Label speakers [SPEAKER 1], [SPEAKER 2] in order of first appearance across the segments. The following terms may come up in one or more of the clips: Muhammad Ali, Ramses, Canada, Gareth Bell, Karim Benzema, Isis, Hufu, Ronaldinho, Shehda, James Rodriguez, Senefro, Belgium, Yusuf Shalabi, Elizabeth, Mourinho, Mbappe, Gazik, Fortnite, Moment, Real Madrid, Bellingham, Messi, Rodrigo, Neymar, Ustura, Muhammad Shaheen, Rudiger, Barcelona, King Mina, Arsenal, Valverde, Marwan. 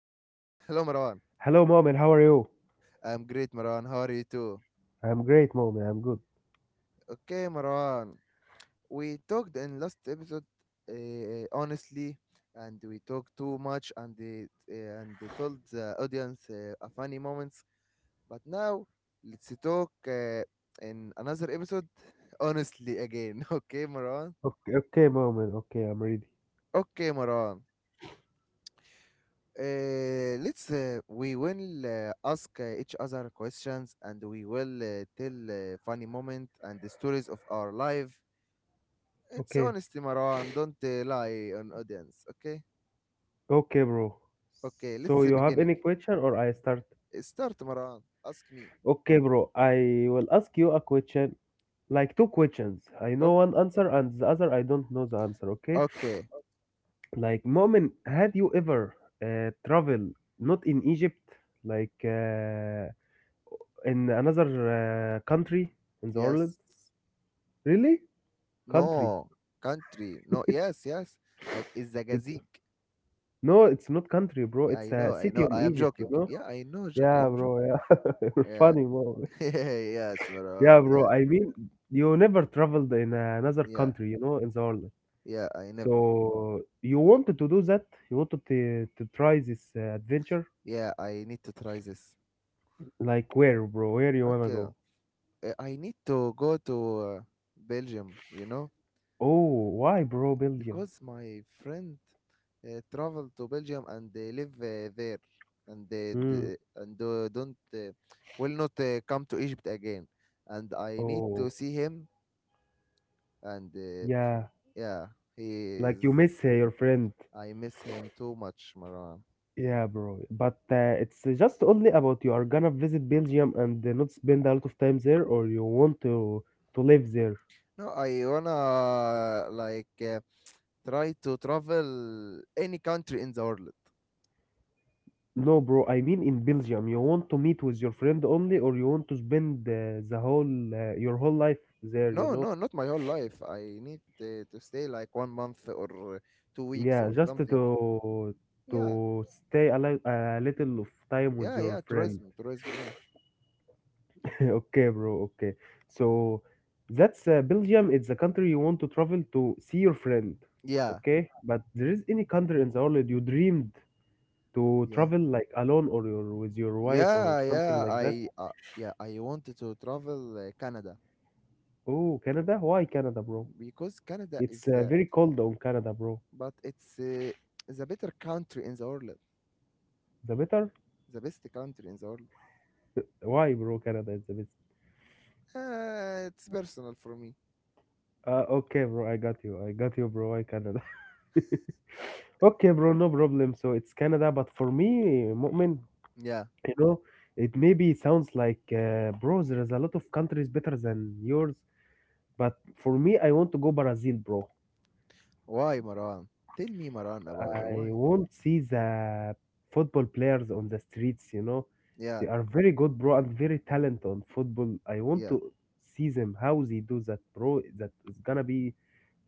[SPEAKER 1] Hello, Marwan.
[SPEAKER 2] Hello, Moment. How are you?
[SPEAKER 1] I am great, Marwan. How are you too?
[SPEAKER 2] I'm great, Moment. I'm good.
[SPEAKER 1] Okay, Marwan. We talked in last episode honestly, and we talked too much, and they told the audience a funny moments. But now, let's talk in another episode honestly again. Okay, Marwan?
[SPEAKER 2] Okay, Moment. Okay, I'm ready.
[SPEAKER 1] Okay, Marwan. Let's we will ask each other questions and we will tell funny moment and the stories of our life. It's
[SPEAKER 2] Okay,
[SPEAKER 1] honestly, Marwan. Don't lie on audience. Okay.
[SPEAKER 2] okay, bro.
[SPEAKER 1] Okay. Let's
[SPEAKER 2] So you have
[SPEAKER 1] beginning.
[SPEAKER 2] any question or I start?
[SPEAKER 1] Start, Marwan. Ask me.
[SPEAKER 2] Okay, bro. I will ask you a question, like two questions. I know
[SPEAKER 1] Okay.
[SPEAKER 2] one answer and the other I don't know the answer. Okay.
[SPEAKER 1] Okay.
[SPEAKER 2] Like, Moment, had you ever travel not in Egypt, like in another country in the world?
[SPEAKER 1] Yes.
[SPEAKER 2] Really? Country?
[SPEAKER 1] No. Country. No. Yes. Yes. Like is the Gazik.
[SPEAKER 2] No, it's not country, bro.
[SPEAKER 1] Yeah,
[SPEAKER 2] It's
[SPEAKER 1] I
[SPEAKER 2] a
[SPEAKER 1] know. I
[SPEAKER 2] city
[SPEAKER 1] know. I
[SPEAKER 2] on
[SPEAKER 1] am
[SPEAKER 2] Egypt, you
[SPEAKER 1] joking.
[SPEAKER 2] know?
[SPEAKER 1] Yeah. I know. I
[SPEAKER 2] Yeah,
[SPEAKER 1] am
[SPEAKER 2] bro.
[SPEAKER 1] joking.
[SPEAKER 2] Yeah. You're
[SPEAKER 1] Yeah.
[SPEAKER 2] funny, bro.
[SPEAKER 1] yes,
[SPEAKER 2] Yeah,
[SPEAKER 1] Marwan. Yeah.
[SPEAKER 2] bro. I mean, you never traveled in another
[SPEAKER 1] Yeah.
[SPEAKER 2] country, you know, in the world.
[SPEAKER 1] Yeah. I never.
[SPEAKER 2] So you wanted to do that? You wanted to try this adventure?
[SPEAKER 1] Yeah, I need to try this.
[SPEAKER 2] Like where, bro? Where you wanna
[SPEAKER 1] Okay,
[SPEAKER 2] go?
[SPEAKER 1] I need to go to Belgium, you know,
[SPEAKER 2] Oh, why, bro? Belgium.
[SPEAKER 1] because my friend traveled to Belgium and they live there and
[SPEAKER 2] Hmm.
[SPEAKER 1] don't will not come to Egypt again. And I need
[SPEAKER 2] Oh,
[SPEAKER 1] to see him and
[SPEAKER 2] yeah.
[SPEAKER 1] yeah, he
[SPEAKER 2] Like you
[SPEAKER 1] is.
[SPEAKER 2] miss your friend.
[SPEAKER 1] I miss him too much, Marwan.
[SPEAKER 2] Yeah, bro. But it's just only about you are gonna visit Belgium and not spend a lot of time there, or you want to live there.
[SPEAKER 1] No, I wanna like try to travel any country in the world.
[SPEAKER 2] No, bro. I mean, in Belgium, you want to meet with your friend only, or you want to spend the whole your whole life there. You
[SPEAKER 1] No,
[SPEAKER 2] know?
[SPEAKER 1] no, not my whole life. I need to stay like 1 month or 2 weeks
[SPEAKER 2] Yeah,
[SPEAKER 1] or
[SPEAKER 2] just
[SPEAKER 1] something.
[SPEAKER 2] to
[SPEAKER 1] Yeah,
[SPEAKER 2] stay a, a little of time with
[SPEAKER 1] yeah,
[SPEAKER 2] your
[SPEAKER 1] yeah.
[SPEAKER 2] friend.
[SPEAKER 1] Tourism, tourism. Yeah,
[SPEAKER 2] Okay, bro. Okay. So that's Belgium. It's a country you want to travel to see your friend.
[SPEAKER 1] yeah,
[SPEAKER 2] Okay, but there is any country in the world you dreamed to
[SPEAKER 1] yeah,
[SPEAKER 2] travel like alone or your, with your wife or
[SPEAKER 1] yeah,
[SPEAKER 2] something
[SPEAKER 1] yeah.
[SPEAKER 2] like that?
[SPEAKER 1] I, uh, yeah, I wanted to travel Canada
[SPEAKER 2] Oh, Canada? Why Canada, bro?
[SPEAKER 1] because Canada
[SPEAKER 2] It's
[SPEAKER 1] is the,
[SPEAKER 2] very cold on Canada, bro.
[SPEAKER 1] but it's the better country in the world,
[SPEAKER 2] The better?
[SPEAKER 1] the best country in the world.
[SPEAKER 2] Why, bro? Canada is the best.
[SPEAKER 1] It's personal for me.
[SPEAKER 2] Okay, bro. I got you. I got you, bro. Why Canada? Okay, bro, no problem. So it's Canada, but for me, Mu'min,
[SPEAKER 1] Yeah.
[SPEAKER 2] you know, it maybe sounds like, bro, there is a lot of countries better than yours, but for me, I want to go Brazil, bro.
[SPEAKER 1] Why, Maran? Tell me, Maran, about
[SPEAKER 2] I
[SPEAKER 1] why.
[SPEAKER 2] won't see the football players on the streets, you know.
[SPEAKER 1] Yeah,
[SPEAKER 2] They are very good, bro, and very talented on football. I want
[SPEAKER 1] yeah,
[SPEAKER 2] to see them, how they do that, bro. That is gonna be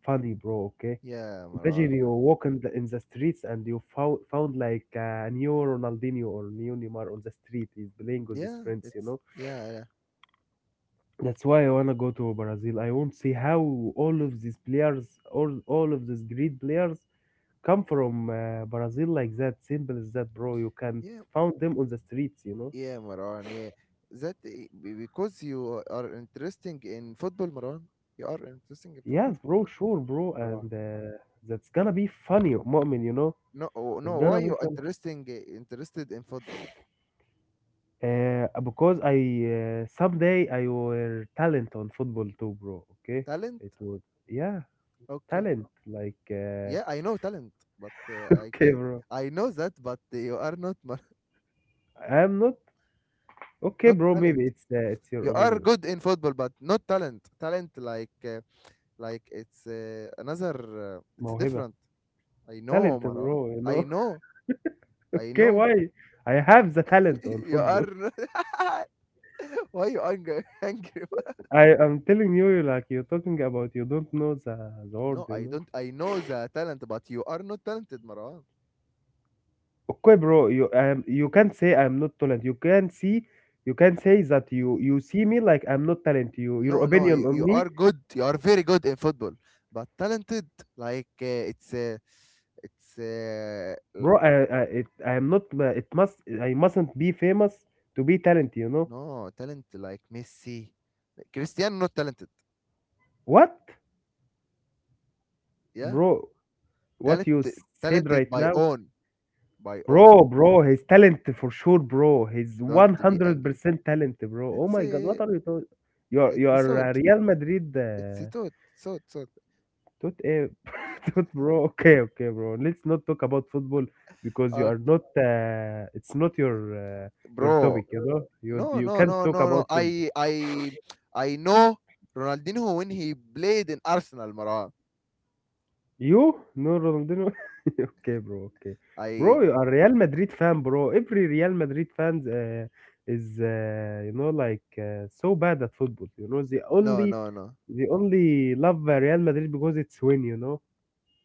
[SPEAKER 2] funny, bro, okay?
[SPEAKER 1] yeah,
[SPEAKER 2] Imagine
[SPEAKER 1] Maran.
[SPEAKER 2] you walk in in the streets and you found like a new Ronaldinho or new Neymar on the street. He's playing with his
[SPEAKER 1] Yeah,
[SPEAKER 2] friends, you
[SPEAKER 1] it's
[SPEAKER 2] know?
[SPEAKER 1] yeah.
[SPEAKER 2] That's why I wanna go to Brazil. I want to see how all of these players, all of these great players, come from Brazil like that. Simple as that, bro. You can't
[SPEAKER 1] Yeah,
[SPEAKER 2] found them on the streets, you know.
[SPEAKER 1] yeah, Maran. Yeah, because you are interesting in football, Maran. You are interesting in football,
[SPEAKER 2] Yes, bro. Sure, bro.
[SPEAKER 1] Maran.
[SPEAKER 2] And that's gonna be funny, Mu'min. You know,
[SPEAKER 1] No, oh,
[SPEAKER 2] that's
[SPEAKER 1] no. Why
[SPEAKER 2] gonna be fun.
[SPEAKER 1] interested in football?
[SPEAKER 2] Because I someday I were talent on football too, bro. Okay,
[SPEAKER 1] Talent?
[SPEAKER 2] it would. Yeah,
[SPEAKER 1] Okay.
[SPEAKER 2] talent like.
[SPEAKER 1] Yeah, I know talent, but I
[SPEAKER 2] Okay,
[SPEAKER 1] can.
[SPEAKER 2] bro.
[SPEAKER 1] I know that, but you are not
[SPEAKER 2] I'm not. Okay,
[SPEAKER 1] not
[SPEAKER 2] bro.
[SPEAKER 1] talent.
[SPEAKER 2] Maybe it's your
[SPEAKER 1] You are
[SPEAKER 2] opinion.
[SPEAKER 1] good in football, but not talent. Talent like it's another. It's
[SPEAKER 2] موهبة
[SPEAKER 1] different. I know,
[SPEAKER 2] talent
[SPEAKER 1] Maran.
[SPEAKER 2] bro you
[SPEAKER 1] I
[SPEAKER 2] know.
[SPEAKER 1] know. I
[SPEAKER 2] Okay,
[SPEAKER 1] know.
[SPEAKER 2] why I have the talent on
[SPEAKER 1] you are.
[SPEAKER 2] football.
[SPEAKER 1] Why you are angry? angry?
[SPEAKER 2] I am telling you like you're talking about you don't know the word
[SPEAKER 1] No,
[SPEAKER 2] you
[SPEAKER 1] I
[SPEAKER 2] know.
[SPEAKER 1] don't. I know the talent, but you are not talented, Marwan.
[SPEAKER 2] Okay, bro. You you can't say I'm not talent. You can see, you can say that
[SPEAKER 1] Y-
[SPEAKER 2] you see me like I'm not talent. You your
[SPEAKER 1] No, no,
[SPEAKER 2] opinion
[SPEAKER 1] you,
[SPEAKER 2] on me,
[SPEAKER 1] are good. You are very good in football, but talented like uh, it's uh, it's uh, l-
[SPEAKER 2] bro. I'm not, it must I mustn't be famous to be talent, you know.
[SPEAKER 1] no talent like Messi, like Cristiano not talented.
[SPEAKER 2] What,
[SPEAKER 1] Yeah,
[SPEAKER 2] bro? What
[SPEAKER 1] talent
[SPEAKER 2] you said
[SPEAKER 1] talented
[SPEAKER 2] right
[SPEAKER 1] by
[SPEAKER 2] now?
[SPEAKER 1] own by own.
[SPEAKER 2] Bro, bro, he's talented for sure, bro. He's
[SPEAKER 1] Don't be angry.
[SPEAKER 2] 100% talent, bro. Oh
[SPEAKER 1] It's
[SPEAKER 2] my God,
[SPEAKER 1] a
[SPEAKER 2] what are you talking?
[SPEAKER 1] it's a
[SPEAKER 2] You're a
[SPEAKER 1] thought.
[SPEAKER 2] Real Madrid
[SPEAKER 1] It's a thought thought.
[SPEAKER 2] tooth, eh? Tooth, bro. Okay, okay, bro. Let's not talk about football because you
[SPEAKER 1] Uh,
[SPEAKER 2] are not. It's not your
[SPEAKER 1] bro,
[SPEAKER 2] topic, you know.
[SPEAKER 1] No,
[SPEAKER 2] You
[SPEAKER 1] no,
[SPEAKER 2] can't
[SPEAKER 1] no,
[SPEAKER 2] talk
[SPEAKER 1] no, no.
[SPEAKER 2] about football.
[SPEAKER 1] I know Ronaldinho when he played in Arsenal, Maran.
[SPEAKER 2] You? No, Ronaldinho. Okay, bro. Okay,
[SPEAKER 1] I
[SPEAKER 2] bro. You are Real Madrid fan, bro. Every Real Madrid fans is you know like so bad at football. You know
[SPEAKER 1] No, no, no.
[SPEAKER 2] they only love Real Madrid because it's win. You know,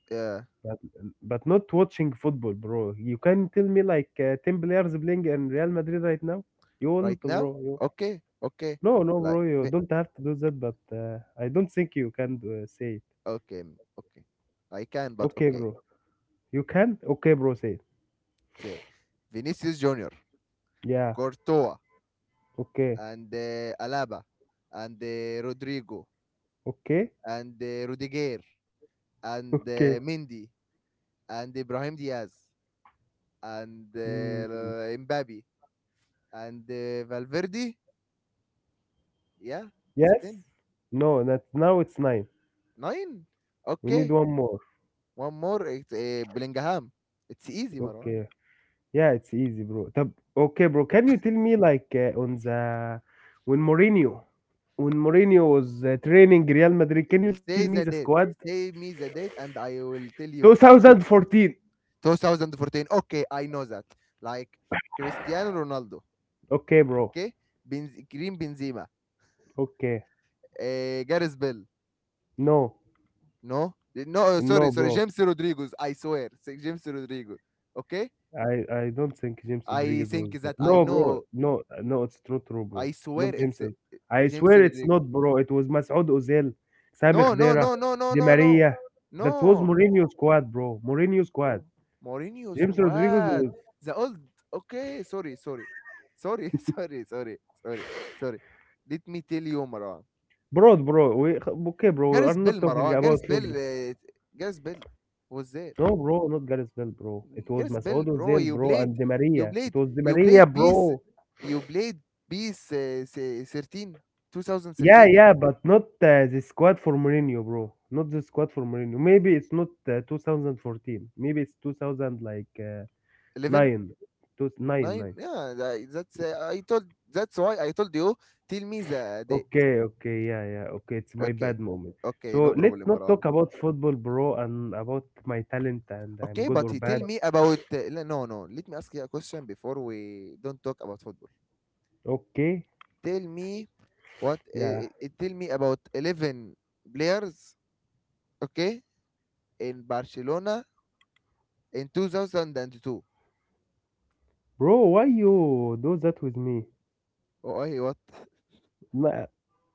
[SPEAKER 1] Yeah,
[SPEAKER 2] but not watching football, bro. You can tell me like ten players playing in Real Madrid right now. You
[SPEAKER 1] right
[SPEAKER 2] won't,
[SPEAKER 1] now.
[SPEAKER 2] bro. You
[SPEAKER 1] Okay, okay.
[SPEAKER 2] no, no,
[SPEAKER 1] Like
[SPEAKER 2] bro. You
[SPEAKER 1] vi-
[SPEAKER 2] don't have to do that. But I don't think you can say it.
[SPEAKER 1] okay. I can, but
[SPEAKER 2] Okay,
[SPEAKER 1] okay.
[SPEAKER 2] bro. You can. Okay, bro. Say it.
[SPEAKER 1] Say Vinicius Junior,
[SPEAKER 2] Yeah.
[SPEAKER 1] Courtois,
[SPEAKER 2] Okay,
[SPEAKER 1] and Alaba, and Rodrigo,
[SPEAKER 2] okay,
[SPEAKER 1] and Rudiger, and
[SPEAKER 2] okay.
[SPEAKER 1] Mendy, and Ibrahim Diaz, and
[SPEAKER 2] Mm,
[SPEAKER 1] Mbappe, and Valverde. Yeah, it's 10.
[SPEAKER 2] yes? No, that now it's nine.
[SPEAKER 1] 9?
[SPEAKER 2] We need
[SPEAKER 1] Okay.
[SPEAKER 2] one more.
[SPEAKER 1] One more. It's Bellingham. It's easy, Marwan.
[SPEAKER 2] Okay. Yeah, it's easy, bro. طب okay, bro. Can you tell me like on the when Mourinho when Mourinho was training Real Madrid, can you tell
[SPEAKER 1] Say
[SPEAKER 2] me
[SPEAKER 1] the
[SPEAKER 2] the
[SPEAKER 1] date.
[SPEAKER 2] squad?
[SPEAKER 1] Say me the date and I will tell you.
[SPEAKER 2] 2014.
[SPEAKER 1] 2014. Okay, I know that. Like Cristiano Ronaldo.
[SPEAKER 2] Okay, bro.
[SPEAKER 1] Okay? Karim Benzema.
[SPEAKER 2] Okay.
[SPEAKER 1] Gareth Bell.
[SPEAKER 2] No.
[SPEAKER 1] No? No,
[SPEAKER 2] No,
[SPEAKER 1] sorry, sorry.
[SPEAKER 2] bro.
[SPEAKER 1] James Rodriguez. I swear. Say James Rodriguez. Okay?
[SPEAKER 2] I don't think James
[SPEAKER 1] I
[SPEAKER 2] Rodriguez was
[SPEAKER 1] think that I
[SPEAKER 2] no, bro.
[SPEAKER 1] know.
[SPEAKER 2] No, no, it's not true, bro.
[SPEAKER 1] I swear
[SPEAKER 2] Not
[SPEAKER 1] it's
[SPEAKER 2] Jameson. I
[SPEAKER 1] James
[SPEAKER 2] swear it's
[SPEAKER 1] Rodriguez.
[SPEAKER 2] not, bro. It was Masoud Ozil, Sami
[SPEAKER 1] No, no,
[SPEAKER 2] Khedira,
[SPEAKER 1] no, no, no,
[SPEAKER 2] Di
[SPEAKER 1] no, no.
[SPEAKER 2] Maria. That was
[SPEAKER 1] No.
[SPEAKER 2] Mourinho squad, bro. Mourinho squad.
[SPEAKER 1] Bro. Mourinho
[SPEAKER 2] James Rodriguez
[SPEAKER 1] squad.
[SPEAKER 2] was
[SPEAKER 1] The old. Okay, sorry, sorry, sorry, sorry, sorry, sorry, sorry. Let me tell you, Marwan.
[SPEAKER 2] bro, bro. We Okay, bro. We are
[SPEAKER 1] Gareth
[SPEAKER 2] not
[SPEAKER 1] Bell,
[SPEAKER 2] talking
[SPEAKER 1] Marwan.
[SPEAKER 2] about
[SPEAKER 1] Gareth Bell.
[SPEAKER 2] football.
[SPEAKER 1] Gareth Bell was there.
[SPEAKER 2] No, bro, not Gareth Bell, bro. It was
[SPEAKER 1] Gareth Bell,
[SPEAKER 2] Masoud
[SPEAKER 1] bro.
[SPEAKER 2] Ozil, bro, and Di
[SPEAKER 1] You
[SPEAKER 2] Maria. It
[SPEAKER 1] played.
[SPEAKER 2] was Di
[SPEAKER 1] You
[SPEAKER 2] Maria,
[SPEAKER 1] played beast.
[SPEAKER 2] bro.
[SPEAKER 1] You played beast. 13,
[SPEAKER 2] Yeah,
[SPEAKER 1] 2013,
[SPEAKER 2] yeah, but not the squad for Mourinho, bro. Not the squad for Mourinho. Maybe it's not 2014. Maybe it's 2000 like
[SPEAKER 1] 11,
[SPEAKER 2] nine, two, nine,
[SPEAKER 1] 9.
[SPEAKER 2] nine.
[SPEAKER 1] Yeah, that's. I told. That's why I told you. Tell me the date.
[SPEAKER 2] Okay, okay, yeah, yeah. Okay, it's my
[SPEAKER 1] Okay.
[SPEAKER 2] bad moment.
[SPEAKER 1] Okay,
[SPEAKER 2] So
[SPEAKER 1] no
[SPEAKER 2] let's
[SPEAKER 1] problem,
[SPEAKER 2] not talk
[SPEAKER 1] Marwan.
[SPEAKER 2] about football, bro, and about my talent and I'm
[SPEAKER 1] Okay,
[SPEAKER 2] good or
[SPEAKER 1] but you tell
[SPEAKER 2] bad.
[SPEAKER 1] me about no no. Let me ask you a question before we don't talk about football.
[SPEAKER 2] Okay,
[SPEAKER 1] Tell me what
[SPEAKER 2] yeah,
[SPEAKER 1] tell me about 11 players, okay, in Barcelona in 2002.
[SPEAKER 2] bro. Why you do that with me?
[SPEAKER 1] I what?
[SPEAKER 2] Nah,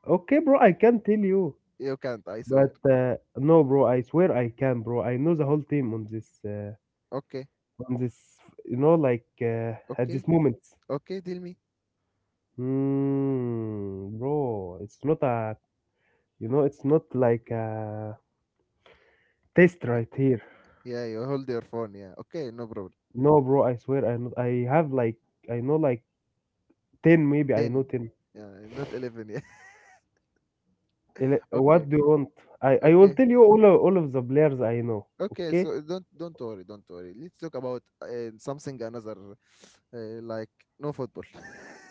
[SPEAKER 2] okay, bro. I can tell you,
[SPEAKER 1] You can't, I swear.
[SPEAKER 2] but no, bro. I swear I can, bro. I know the whole team on this. uh,
[SPEAKER 1] Okay.
[SPEAKER 2] on This, you know, like at
[SPEAKER 1] Okay.
[SPEAKER 2] this moment,
[SPEAKER 1] Okay, tell me.
[SPEAKER 2] mm, bro, it's not a, you know, it's not like a test
[SPEAKER 1] Y-
[SPEAKER 2] right here.
[SPEAKER 1] Yeah, you hold your phone, yeah. Okay, no problem.
[SPEAKER 2] No, bro, I swear, I know, I have like, I know like 10, maybe I know
[SPEAKER 1] 10.
[SPEAKER 2] 10.
[SPEAKER 1] Yeah, not 11, yeah.
[SPEAKER 2] Ele-
[SPEAKER 1] Okay.
[SPEAKER 2] What do you want? I will
[SPEAKER 1] Okay.
[SPEAKER 2] tell you all of the players I know,
[SPEAKER 1] Okay,
[SPEAKER 2] okay?
[SPEAKER 1] so don't worry, don't worry. Let's talk about something another, uh, like no football.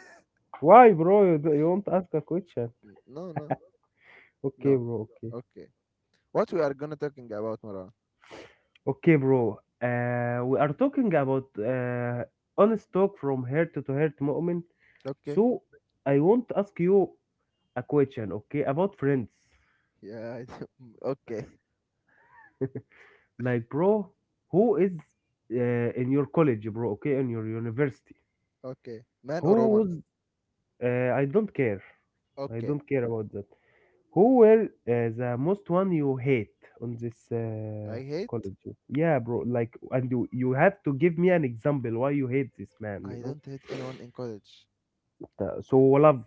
[SPEAKER 2] Why, bro? Do you want to ask a question?
[SPEAKER 1] No, no,
[SPEAKER 2] Okay,
[SPEAKER 1] no.
[SPEAKER 2] bro, okay.
[SPEAKER 1] Okay, what we are gonna talking about, Marwan?
[SPEAKER 2] Okay, bro. We are talking about honest talk from heart to heart.
[SPEAKER 1] Okay,
[SPEAKER 2] So I want to ask you a question, okay, about friends.
[SPEAKER 1] yeah, okay,
[SPEAKER 2] Like, bro, who is in your college, bro? Okay, in your university.
[SPEAKER 1] okay. Man or woman?
[SPEAKER 2] Who's I don't care. I
[SPEAKER 1] Okay,
[SPEAKER 2] don't care about that. Who were the most one you hate on this
[SPEAKER 1] I
[SPEAKER 2] college?
[SPEAKER 1] hate.
[SPEAKER 2] Yeah, bro. Like, and you have to give me an example why you hate this man. You
[SPEAKER 1] I
[SPEAKER 2] know.
[SPEAKER 1] don't hate anyone in college.
[SPEAKER 2] So love,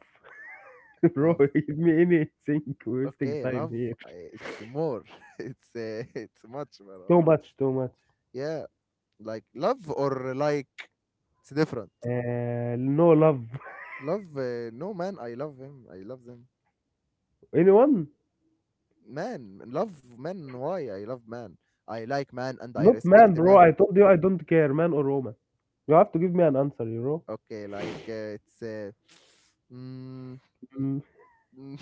[SPEAKER 2] bro.
[SPEAKER 1] Love.
[SPEAKER 2] Give me anything. Wasting
[SPEAKER 1] Okay,
[SPEAKER 2] time
[SPEAKER 1] love.
[SPEAKER 2] here.
[SPEAKER 1] It's more. it's it's much,
[SPEAKER 2] Too
[SPEAKER 1] Marwan.
[SPEAKER 2] much. Too much.
[SPEAKER 1] Yeah, like love or like it's different.
[SPEAKER 2] No love.
[SPEAKER 1] Love. No man, I love him. I love them.
[SPEAKER 2] Anyone?
[SPEAKER 1] Man love man. Why I love man? I like man and I
[SPEAKER 2] Not man,
[SPEAKER 1] respect
[SPEAKER 2] bro.
[SPEAKER 1] man.
[SPEAKER 2] I told you I don't care, man or woman. You have to give me an answer, you know.
[SPEAKER 1] Okay like it's mm,
[SPEAKER 2] Mm.
[SPEAKER 1] mm,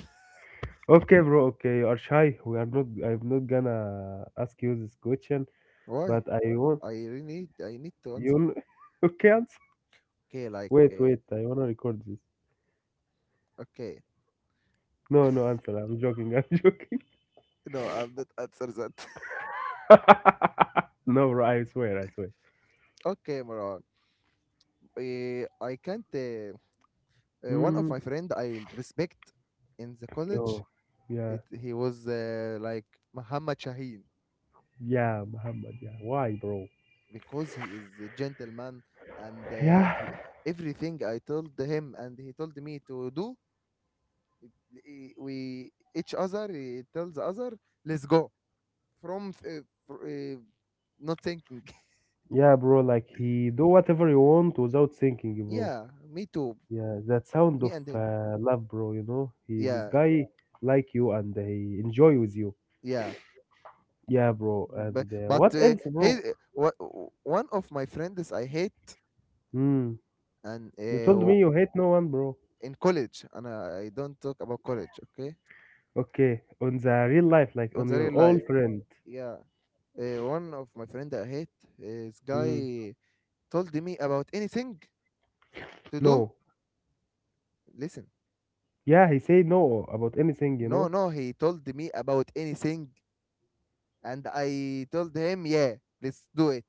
[SPEAKER 2] Okay, bro. Okay, you are shy. We are not. I'm not gonna ask you this question,
[SPEAKER 1] why
[SPEAKER 2] but I want
[SPEAKER 1] I really need I need to answer.
[SPEAKER 2] you. Okay, answer.
[SPEAKER 1] okay like
[SPEAKER 2] Wait,
[SPEAKER 1] uh,
[SPEAKER 2] wait. I wanna record this.
[SPEAKER 1] okay
[SPEAKER 2] No, no answer. I'm joking. I'm joking.
[SPEAKER 1] no, I'm not answer that.
[SPEAKER 2] No, bro. I swear. I swear.
[SPEAKER 1] Okay, Moran. I can't one of
[SPEAKER 2] Hmm.
[SPEAKER 1] my friend I respect in the college,
[SPEAKER 2] Oh, yeah,
[SPEAKER 1] it, he was like Muhammad Shaheen
[SPEAKER 2] yeah, Muhammad. Yeah. Why, bro?
[SPEAKER 1] because he is a gentleman and
[SPEAKER 2] Yeah.
[SPEAKER 1] everything I told him and he told me to do, eh, we each other he tells other, let's go from th- fr not thinking.
[SPEAKER 2] Yeah, bro, like he do whatever you want without thinking, bro.
[SPEAKER 1] Yeah, me too.
[SPEAKER 2] Yeah, that sound
[SPEAKER 1] Me
[SPEAKER 2] of
[SPEAKER 1] and him,
[SPEAKER 2] love, bro, you know. He this
[SPEAKER 1] yeah.
[SPEAKER 2] guy like you and he enjoy with you.
[SPEAKER 1] Yeah,
[SPEAKER 2] Yeah, bro.
[SPEAKER 1] but,
[SPEAKER 2] And
[SPEAKER 1] but
[SPEAKER 2] what
[SPEAKER 1] uh,
[SPEAKER 2] else,
[SPEAKER 1] he
[SPEAKER 2] bro?
[SPEAKER 1] one of my friends I hate.
[SPEAKER 2] Hmm.
[SPEAKER 1] and
[SPEAKER 2] You
[SPEAKER 1] uh,
[SPEAKER 2] told
[SPEAKER 1] w-
[SPEAKER 2] me you hate no one, bro.
[SPEAKER 1] in college. And I don't talk about college, okay.
[SPEAKER 2] Okay, on the real life, like
[SPEAKER 1] On
[SPEAKER 2] on
[SPEAKER 1] the real
[SPEAKER 2] your
[SPEAKER 1] life,
[SPEAKER 2] old friend.
[SPEAKER 1] yeah. One of my friend I hate is
[SPEAKER 2] Hmm.
[SPEAKER 1] guy told me about anything to do.
[SPEAKER 2] No.
[SPEAKER 1] Listen,
[SPEAKER 2] Yeah, he say no about anything, you
[SPEAKER 1] no
[SPEAKER 2] know.
[SPEAKER 1] no, he told me about anything and I told him yeah, let's do it.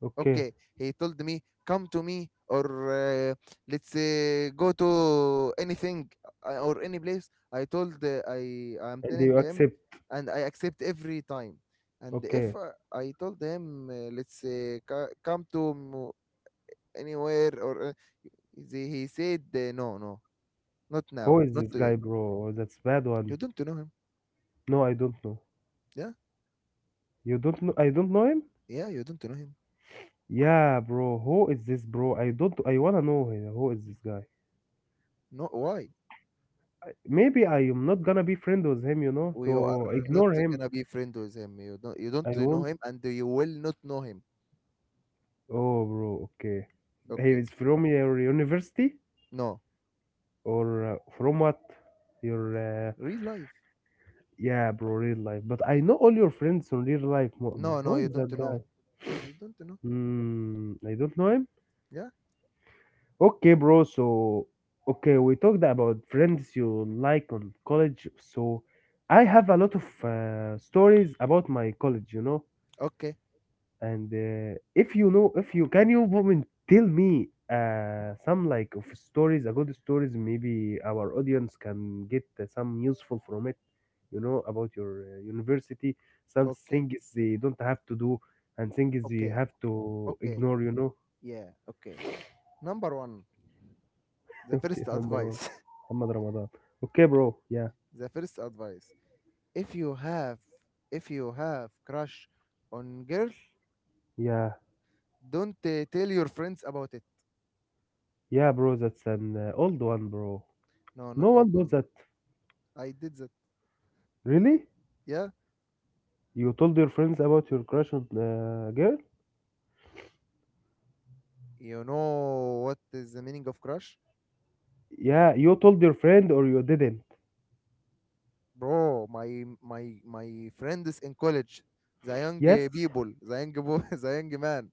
[SPEAKER 2] Okay,
[SPEAKER 1] Okay, he told me come to me or uh, let's go to anything or any place. I told I'm
[SPEAKER 2] and
[SPEAKER 1] telling
[SPEAKER 2] you
[SPEAKER 1] him,
[SPEAKER 2] accept.
[SPEAKER 1] and I accept every time. And if
[SPEAKER 2] Okay,
[SPEAKER 1] I told him let's come to anywhere or he said no no, not
[SPEAKER 2] who
[SPEAKER 1] now,
[SPEAKER 2] is
[SPEAKER 1] not
[SPEAKER 2] this
[SPEAKER 1] today.
[SPEAKER 2] guy, bro? That's bad one.
[SPEAKER 1] You don't know him.
[SPEAKER 2] No, I don't know.
[SPEAKER 1] Yeah,
[SPEAKER 2] You don't know? I don't know him.
[SPEAKER 1] yeah, you don't know him.
[SPEAKER 2] Yeah, bro. Who is this bro? I don't. I wanna know him. Who is this guy?
[SPEAKER 1] No, why?
[SPEAKER 2] Maybe I am not gonna be friend with him. You know,
[SPEAKER 1] We are
[SPEAKER 2] to
[SPEAKER 1] not
[SPEAKER 2] ignore him.
[SPEAKER 1] gonna be friend with him. You don't
[SPEAKER 2] I
[SPEAKER 1] know
[SPEAKER 2] won't.
[SPEAKER 1] him, and you will not know him.
[SPEAKER 2] Oh, bro. Okay. He
[SPEAKER 1] Okay,
[SPEAKER 2] is from your university
[SPEAKER 1] no,
[SPEAKER 2] or from what? Your
[SPEAKER 1] real life.
[SPEAKER 2] yeah, bro. Real life. But I know all your friends from real life, Mu'min.
[SPEAKER 1] No, no,
[SPEAKER 2] Who
[SPEAKER 1] you
[SPEAKER 2] is that
[SPEAKER 1] don't know.
[SPEAKER 2] guy?
[SPEAKER 1] You don't know.
[SPEAKER 2] Hmm. I don't know him.
[SPEAKER 1] Yeah.
[SPEAKER 2] Okay, bro. So, okay, we talked about friends you like on college. So, I have a lot of stories about my college, you know.
[SPEAKER 1] Okay,
[SPEAKER 2] And if you know, if you can, you woman, tell me some like of stories, a good stories. Maybe our audience can get some useful from it, you know, about your university. Some
[SPEAKER 1] okay,
[SPEAKER 2] things they don't have to do, and things you
[SPEAKER 1] okay,
[SPEAKER 2] have to
[SPEAKER 1] okay.
[SPEAKER 2] ignore, you know.
[SPEAKER 1] Yeah, okay. Number one, the
[SPEAKER 2] Okay,
[SPEAKER 1] first
[SPEAKER 2] number one,
[SPEAKER 1] advice.
[SPEAKER 2] Muhammad Ramadan. Okay, bro. Yeah,
[SPEAKER 1] The first advice. If you have, if you have crush on girl,
[SPEAKER 2] yeah,
[SPEAKER 1] don't tell your friends about it.
[SPEAKER 2] yeah, bro. That's an old one, bro.
[SPEAKER 1] No, not
[SPEAKER 2] No
[SPEAKER 1] all
[SPEAKER 2] one does
[SPEAKER 1] one.
[SPEAKER 2] that.
[SPEAKER 1] I did that.
[SPEAKER 2] Really?
[SPEAKER 1] Yeah.
[SPEAKER 2] You told your friends about your crush on girl?
[SPEAKER 1] You know what is the meaning of crush?
[SPEAKER 2] Yeah, you told your friend or you didn't?
[SPEAKER 1] Bro, my friends in college, the young
[SPEAKER 2] Yes.
[SPEAKER 1] people, the young boy, the young man.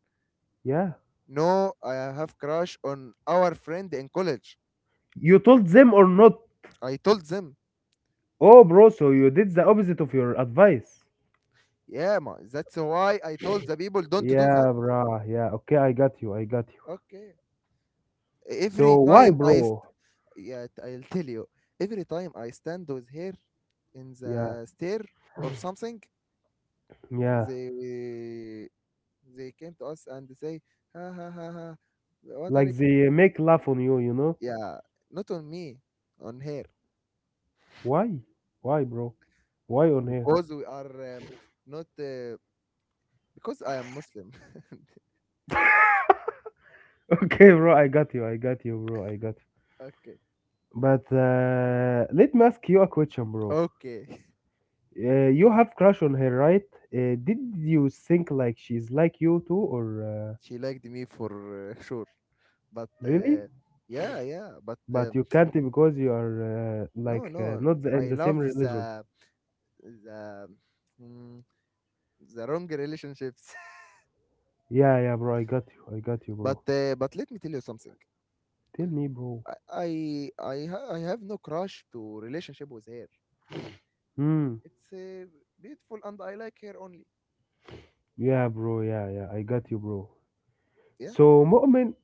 [SPEAKER 2] Yeah.
[SPEAKER 1] No, I have crush on our friend in college.
[SPEAKER 2] You told them or not?
[SPEAKER 1] I told them,
[SPEAKER 2] Oh, bro. So you did the opposite of your advice.
[SPEAKER 1] yeah, ma, that's why I told the people don't do
[SPEAKER 2] Yeah,
[SPEAKER 1] that.
[SPEAKER 2] bro. Yeah. Okay, I got you. I got you.
[SPEAKER 1] Okay.
[SPEAKER 2] So
[SPEAKER 1] Every
[SPEAKER 2] why,
[SPEAKER 1] time I,
[SPEAKER 2] bro?
[SPEAKER 1] st- yeah, t- I'll tell you. Every time I stand with her in
[SPEAKER 2] Yeah,
[SPEAKER 1] the stair or something,
[SPEAKER 2] yeah.
[SPEAKER 1] they they came to us and say, ha ha ha ha, what are
[SPEAKER 2] Like
[SPEAKER 1] you?
[SPEAKER 2] they make laugh on you, you know?
[SPEAKER 1] Yeah, not on me, on her,
[SPEAKER 2] Why? Why, bro? Why on here?
[SPEAKER 1] because we are not because I am Muslim.
[SPEAKER 2] Okay, bro, I got you. I got you, bro. I got you.
[SPEAKER 1] okay,
[SPEAKER 2] But Let me ask you a question, bro.
[SPEAKER 1] okay.
[SPEAKER 2] You have crush on her, right? Did you think like she's like you too, or
[SPEAKER 1] She liked me for sure, but
[SPEAKER 2] really?
[SPEAKER 1] uh, yeah, but
[SPEAKER 2] But you can't because you are
[SPEAKER 1] no,
[SPEAKER 2] like
[SPEAKER 1] no.
[SPEAKER 2] not the- in
[SPEAKER 1] I
[SPEAKER 2] the same
[SPEAKER 1] love
[SPEAKER 2] religion.
[SPEAKER 1] the mm, the wrong relationships.
[SPEAKER 2] Yeah, yeah, bro. I got you. I got you, bro.
[SPEAKER 1] But let me tell you something.
[SPEAKER 2] Tell me, bro.
[SPEAKER 1] I have no crush to relationship with her.
[SPEAKER 2] Hmm.
[SPEAKER 1] It's beautiful and I like her only.
[SPEAKER 2] Yeah, bro. Yeah, yeah. I got you, bro.
[SPEAKER 1] Yeah.
[SPEAKER 2] So, Mu'min,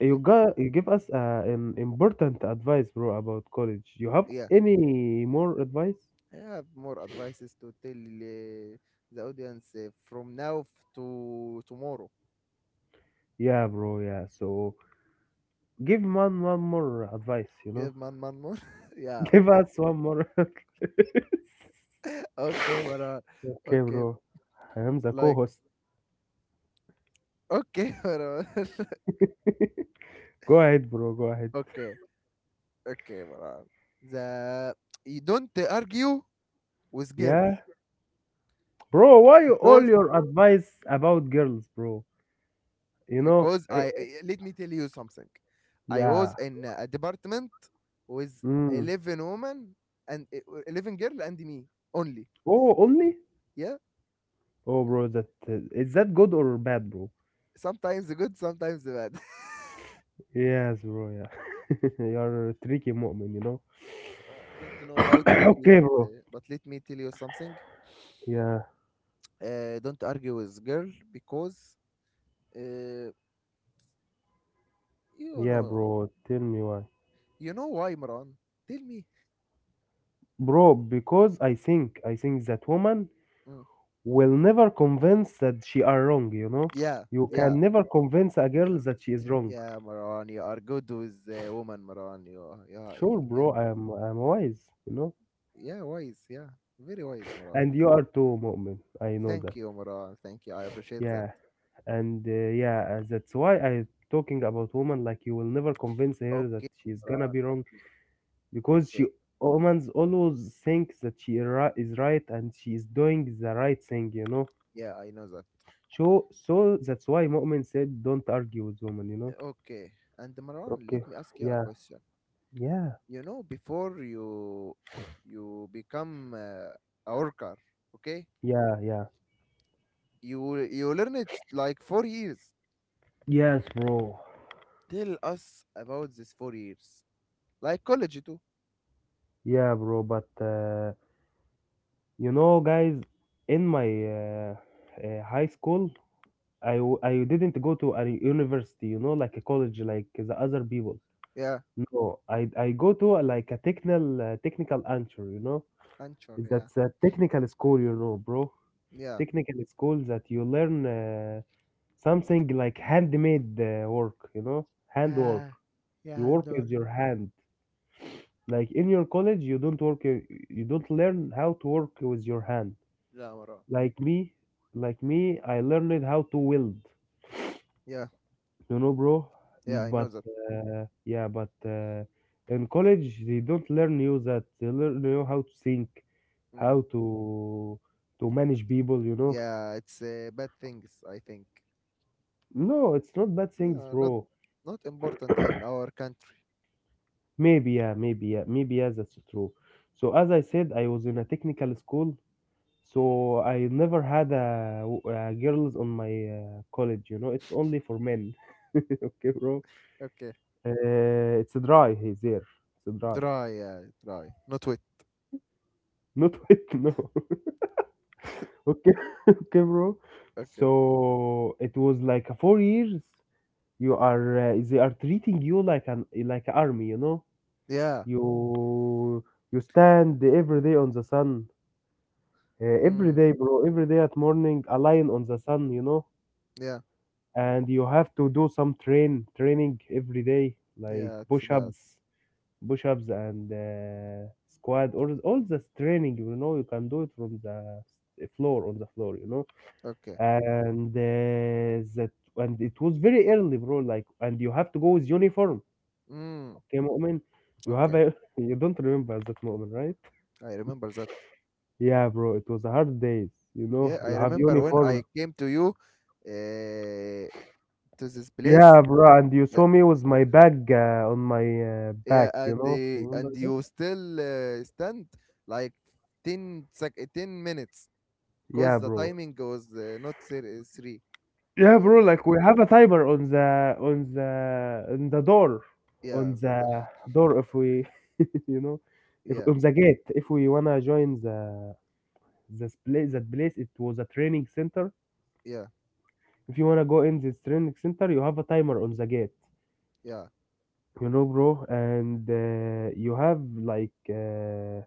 [SPEAKER 2] You got you give us an important advice, bro, about college. You have
[SPEAKER 1] Yeah.
[SPEAKER 2] any more advice?
[SPEAKER 1] I have more advices to tell the audience to tomorrow.
[SPEAKER 2] Yeah, bro. Yeah. So give man one more advice. You know,
[SPEAKER 1] Give man man more. Yeah.
[SPEAKER 2] give
[SPEAKER 1] Okay.
[SPEAKER 2] us one more. Okay,
[SPEAKER 1] Okay, Marwan. Okay.
[SPEAKER 2] bro. I am the
[SPEAKER 1] Like.
[SPEAKER 2] co-host.
[SPEAKER 1] Okay, Marwan.
[SPEAKER 2] Go ahead, bro. Go ahead.
[SPEAKER 1] okay. Okay, Marwan. The You don't argue with girl
[SPEAKER 2] Yeah, bro. All
[SPEAKER 1] because
[SPEAKER 2] your advice about girls, bro? You know.
[SPEAKER 1] let me tell you something. I was
[SPEAKER 2] Yeah.
[SPEAKER 1] in a department with
[SPEAKER 2] Mm.
[SPEAKER 1] 11 women and 11 girl and me only.
[SPEAKER 2] Oh, only.
[SPEAKER 1] Yeah,
[SPEAKER 2] Oh, bro. That is that good or bad, bro?
[SPEAKER 1] sometimes good, sometimes bad.
[SPEAKER 2] Yes, bro. Yeah. You're a tricky moment, you know.
[SPEAKER 1] I don't know how tricky,
[SPEAKER 2] Okay, bro.
[SPEAKER 1] but let me tell you something.
[SPEAKER 2] Yeah,
[SPEAKER 1] Don't argue with girl because uh, you
[SPEAKER 2] yeah,
[SPEAKER 1] know
[SPEAKER 2] bro. Tell me why,
[SPEAKER 1] you know why, Maran. Tell me.
[SPEAKER 2] bro. Because I think that woman
[SPEAKER 1] Mm.
[SPEAKER 2] will never convince that she are wrong. You know,
[SPEAKER 1] Yeah,
[SPEAKER 2] you
[SPEAKER 1] yeah,
[SPEAKER 2] can never convince a girl
[SPEAKER 1] yeah,
[SPEAKER 2] that she is wrong.
[SPEAKER 1] yeah, Maran. You are good with woman, Maran. Are-
[SPEAKER 2] Sure,
[SPEAKER 1] yeah.
[SPEAKER 2] bro. I'm wise. You know,
[SPEAKER 1] Yeah, wise. Yeah, very wise, Maran.
[SPEAKER 2] and you are too, Mu'min. I know that.
[SPEAKER 1] Thank you, Maran. Thank you. I appreciate that.
[SPEAKER 2] Yeah, and uh, yeah, that's why I talking about woman like you will never convince her that
[SPEAKER 1] Okay,
[SPEAKER 2] she's gonna
[SPEAKER 1] Maran.
[SPEAKER 2] be wrong
[SPEAKER 1] Okay.
[SPEAKER 2] because she
[SPEAKER 1] Okay.
[SPEAKER 2] woman's always thinks that is right and she is doing the right thing. You know.
[SPEAKER 1] Yeah, I know that.
[SPEAKER 2] So that's why Mu'min said, "Don't argue with women." You know?
[SPEAKER 1] Okay. And Maran, let
[SPEAKER 2] Okay.
[SPEAKER 1] me ask you a
[SPEAKER 2] Yeah.
[SPEAKER 1] question.
[SPEAKER 2] Yeah.
[SPEAKER 1] You know, before you become a worker, okay?
[SPEAKER 2] Yeah, yeah.
[SPEAKER 1] You learn it like 4 years.
[SPEAKER 2] Yes, bro.
[SPEAKER 1] Tell us about this 4 years, like college too.
[SPEAKER 2] Yeah, bro. But You know, guys, in my high school, I didn't go to a university. You know, like a college, like the other people.
[SPEAKER 1] Yeah,
[SPEAKER 2] No, I go to like a technical technical answer. You know,
[SPEAKER 1] Anchor. Yeah,
[SPEAKER 2] that's a technical school. You know, bro,
[SPEAKER 1] yeah.
[SPEAKER 2] technical school that you learn. Something like handmade work, you know, handwork.
[SPEAKER 1] Yeah,
[SPEAKER 2] You
[SPEAKER 1] yeah,
[SPEAKER 2] work with
[SPEAKER 1] Andor.
[SPEAKER 2] your hand. Like in your college you don't work you don't learn how to work with your hand
[SPEAKER 1] Yeah, Maran.
[SPEAKER 2] like me. I learned how to weld,
[SPEAKER 1] Yeah,
[SPEAKER 2] you know, bro.
[SPEAKER 1] yeah,
[SPEAKER 2] Mm,
[SPEAKER 1] I know
[SPEAKER 2] but
[SPEAKER 1] that.
[SPEAKER 2] yeah but in college they don't learn you that. They learn you how to think,
[SPEAKER 1] Mm.
[SPEAKER 2] how to manage people, you know.
[SPEAKER 1] Yeah, it's bad things, I think.
[SPEAKER 2] No, it's not bad things,
[SPEAKER 1] No, not
[SPEAKER 2] bro.
[SPEAKER 1] not important in our country.
[SPEAKER 2] Maybe, yeah, maybe, yeah, maybe, yeah, that's true. So, as I said, I was in a technical school, so I never had a girls on my college. You know, it's only for men. Okay, bro.
[SPEAKER 1] Okay.
[SPEAKER 2] It's dry here, there. It's dry.
[SPEAKER 1] Dry, yeah, dry. Not wet.
[SPEAKER 2] Not wet, no. Okay, okay, bro.
[SPEAKER 1] Okay.
[SPEAKER 2] So, it was like 4 years. You are, they are treating you like an like army, you know.
[SPEAKER 1] Yeah.
[SPEAKER 2] You you stand every day on the sun. Every
[SPEAKER 1] Mm,
[SPEAKER 2] day, bro, every day at morning, a lion on the sun, you know,
[SPEAKER 1] yeah.
[SPEAKER 2] and you have to do some training every day, like
[SPEAKER 1] Yeah, it's bad.
[SPEAKER 2] push-ups, and squat, or all this training. You know, you can do it from the floor on the floor, you know,
[SPEAKER 1] Okay.
[SPEAKER 2] and uh, that and it was very early, bro, like, and you have to go with uniform,
[SPEAKER 1] Mm,
[SPEAKER 2] okay, Mu'min? You have
[SPEAKER 1] okay.
[SPEAKER 2] a you don't remember that moment, right?
[SPEAKER 1] I remember that.
[SPEAKER 2] Yeah, bro, it was a hard days, you
[SPEAKER 1] Yeah,
[SPEAKER 2] know, you
[SPEAKER 1] I
[SPEAKER 2] have
[SPEAKER 1] remember when
[SPEAKER 2] uniform.
[SPEAKER 1] I came to you uh, to this place.
[SPEAKER 2] Yeah, bro, and you
[SPEAKER 1] Uh,
[SPEAKER 2] saw me with my bag on my
[SPEAKER 1] yeah,
[SPEAKER 2] back, you
[SPEAKER 1] and
[SPEAKER 2] know?
[SPEAKER 1] the
[SPEAKER 2] Remember
[SPEAKER 1] and
[SPEAKER 2] that?
[SPEAKER 1] you still stand like 10 minutes because
[SPEAKER 2] Yeah,
[SPEAKER 1] the
[SPEAKER 2] bro.
[SPEAKER 1] timing was not ser- 3.
[SPEAKER 2] Yeah,
[SPEAKER 1] Yeah,
[SPEAKER 2] bro, like we have a timer on the door, on
[SPEAKER 1] yeah,
[SPEAKER 2] the
[SPEAKER 1] Anzada.
[SPEAKER 2] door if we, you know, if
[SPEAKER 1] Yeah,
[SPEAKER 2] on the gate if we wanna join the this place that place. It was a training center.
[SPEAKER 1] yeah,
[SPEAKER 2] If you wanna go in this training center, you have a timer on the gate,
[SPEAKER 1] yeah.
[SPEAKER 2] you know, bro, and you have like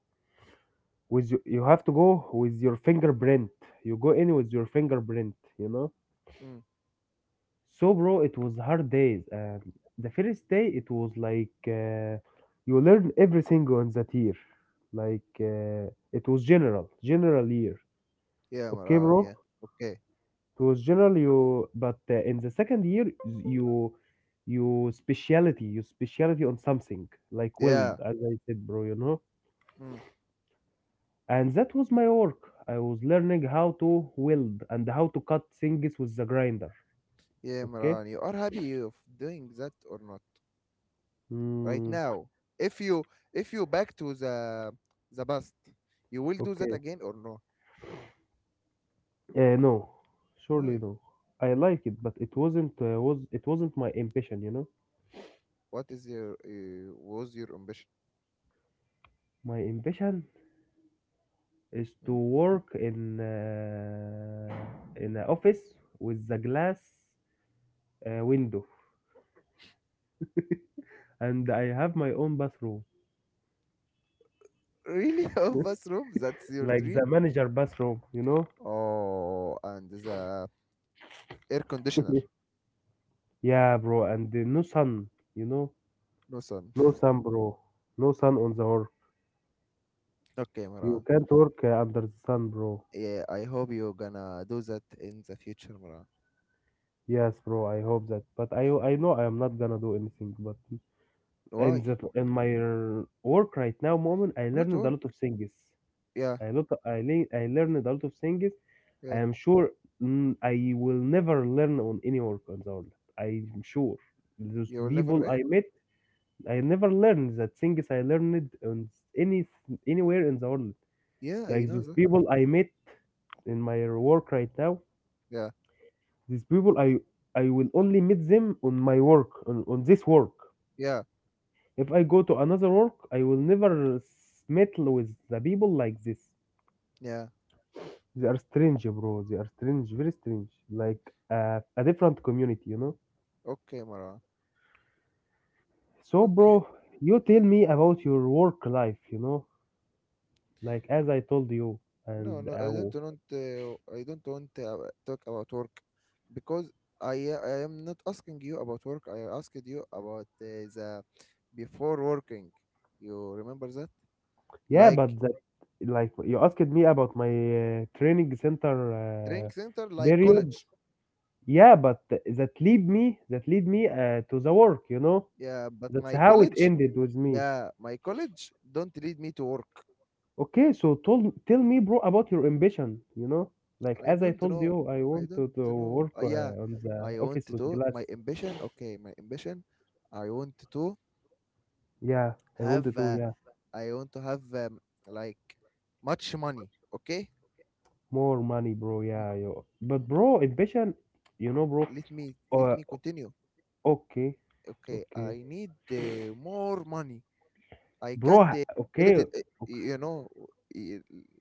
[SPEAKER 2] with you, you have to go with your fingerprint. You know.
[SPEAKER 1] Mm.
[SPEAKER 2] So, bro, it was hard days, and the first day it was like you learn everything on that year, like it was general year.
[SPEAKER 1] Yeah,
[SPEAKER 2] Okay,
[SPEAKER 1] Maran.
[SPEAKER 2] bro,
[SPEAKER 1] Yeah. Okay.
[SPEAKER 2] it was general. You But in the second year, you you speciality. On something like weld,
[SPEAKER 1] Yeah.
[SPEAKER 2] as I said, bro, you know.
[SPEAKER 1] Mm.
[SPEAKER 2] And that was my work. I was learning how to weld and how to cut things with the grinder.
[SPEAKER 1] Yeah,
[SPEAKER 2] Okay.
[SPEAKER 1] Maran. You are happy of doing that or not right
[SPEAKER 2] Mm,
[SPEAKER 1] now? If you if you back to the past, you will do that
[SPEAKER 2] okay.
[SPEAKER 1] again or no?
[SPEAKER 2] No, surely
[SPEAKER 1] Why?
[SPEAKER 2] no. I like it, but it wasn't my ambition, you know.
[SPEAKER 1] What is your was your ambition?
[SPEAKER 2] My ambition is to
[SPEAKER 1] Hmm?
[SPEAKER 2] work in an office with the glass window, and I have my own bathroom.
[SPEAKER 1] Really, a bathroom? That's your
[SPEAKER 2] Like
[SPEAKER 1] dream?
[SPEAKER 2] the manager bathroom, you know.
[SPEAKER 1] Oh, and the air conditioner.
[SPEAKER 2] Yeah, bro, and no sun, you know.
[SPEAKER 1] No sun.
[SPEAKER 2] No sun, bro. No sun on the earth.
[SPEAKER 1] Okay, Maran.
[SPEAKER 2] You can't work under the sun, bro.
[SPEAKER 1] Yeah, I hope you're gonna do that in the future, Maran.
[SPEAKER 2] Yes, bro. I hope that. But I know I am not gonna do anything. But in
[SPEAKER 1] Why?
[SPEAKER 2] that, in my work right now, moment, I
[SPEAKER 1] Not
[SPEAKER 2] learned a
[SPEAKER 1] work.
[SPEAKER 2] lot of things.
[SPEAKER 1] Yeah,
[SPEAKER 2] I learned a lot of things. I
[SPEAKER 1] yeah.
[SPEAKER 2] am sure, mm, I will never learn on any work on the world. I'm sure those
[SPEAKER 1] You will never.
[SPEAKER 2] people
[SPEAKER 1] Eh?
[SPEAKER 2] I met, I never learned that things I learned on any anywhere in the world.
[SPEAKER 1] Yeah, I
[SPEAKER 2] Like
[SPEAKER 1] know
[SPEAKER 2] those
[SPEAKER 1] that.
[SPEAKER 2] people I met in my work right now,
[SPEAKER 1] Yeah,
[SPEAKER 2] these people I will only meet them on my work, on this work.
[SPEAKER 1] yeah,
[SPEAKER 2] If I go to another work, I will never meet with the people like this.
[SPEAKER 1] yeah.
[SPEAKER 2] They are strange, bro. They are strange, very strange. Like a different community, you know.
[SPEAKER 1] Okay, Marwan.
[SPEAKER 2] So,
[SPEAKER 1] Okay.
[SPEAKER 2] bro, you tell me about your work life, you know, like as I told you,
[SPEAKER 1] No,
[SPEAKER 2] and
[SPEAKER 1] no. I
[SPEAKER 2] uh,
[SPEAKER 1] don't want. I don't want to talk about work because I am not asking you about work. I asked you about the before working. You remember that?
[SPEAKER 2] yeah,
[SPEAKER 1] Like
[SPEAKER 2] but like you asked me about my training center
[SPEAKER 1] training center, like
[SPEAKER 2] period.
[SPEAKER 1] college.
[SPEAKER 2] Yeah, but that lead me to the work, you know.
[SPEAKER 1] Yeah, but
[SPEAKER 2] That's
[SPEAKER 1] my
[SPEAKER 2] how it
[SPEAKER 1] college.
[SPEAKER 2] ended with me.
[SPEAKER 1] Yeah, my college don't lead me to work.
[SPEAKER 2] Okay, so told tell me, bro, about your ambition, you know. Like
[SPEAKER 1] I
[SPEAKER 2] as I
[SPEAKER 1] don't
[SPEAKER 2] told
[SPEAKER 1] know.
[SPEAKER 2] you, I
[SPEAKER 1] I
[SPEAKER 2] want
[SPEAKER 1] don't
[SPEAKER 2] to
[SPEAKER 1] know.
[SPEAKER 2] work
[SPEAKER 1] Yeah,
[SPEAKER 2] on the
[SPEAKER 1] I
[SPEAKER 2] office
[SPEAKER 1] want
[SPEAKER 2] with
[SPEAKER 1] to.
[SPEAKER 2] glass.
[SPEAKER 1] My ambition. Okay, my ambition. I want to
[SPEAKER 2] Yeah, I want
[SPEAKER 1] have.
[SPEAKER 2] to do,
[SPEAKER 1] Uh,
[SPEAKER 2] yeah.
[SPEAKER 1] I want to have like much money. Okay.
[SPEAKER 2] More money, bro.
[SPEAKER 1] M-
[SPEAKER 2] Yeah, yo. But
[SPEAKER 1] m-
[SPEAKER 2] bro, ambition, you know, bro.
[SPEAKER 1] Let me
[SPEAKER 2] Uh,
[SPEAKER 1] let me continue.
[SPEAKER 2] okay,
[SPEAKER 1] Okay,
[SPEAKER 2] okay.
[SPEAKER 1] I need more money. I can't
[SPEAKER 2] Bro,
[SPEAKER 1] let
[SPEAKER 2] okay.
[SPEAKER 1] it. Uh,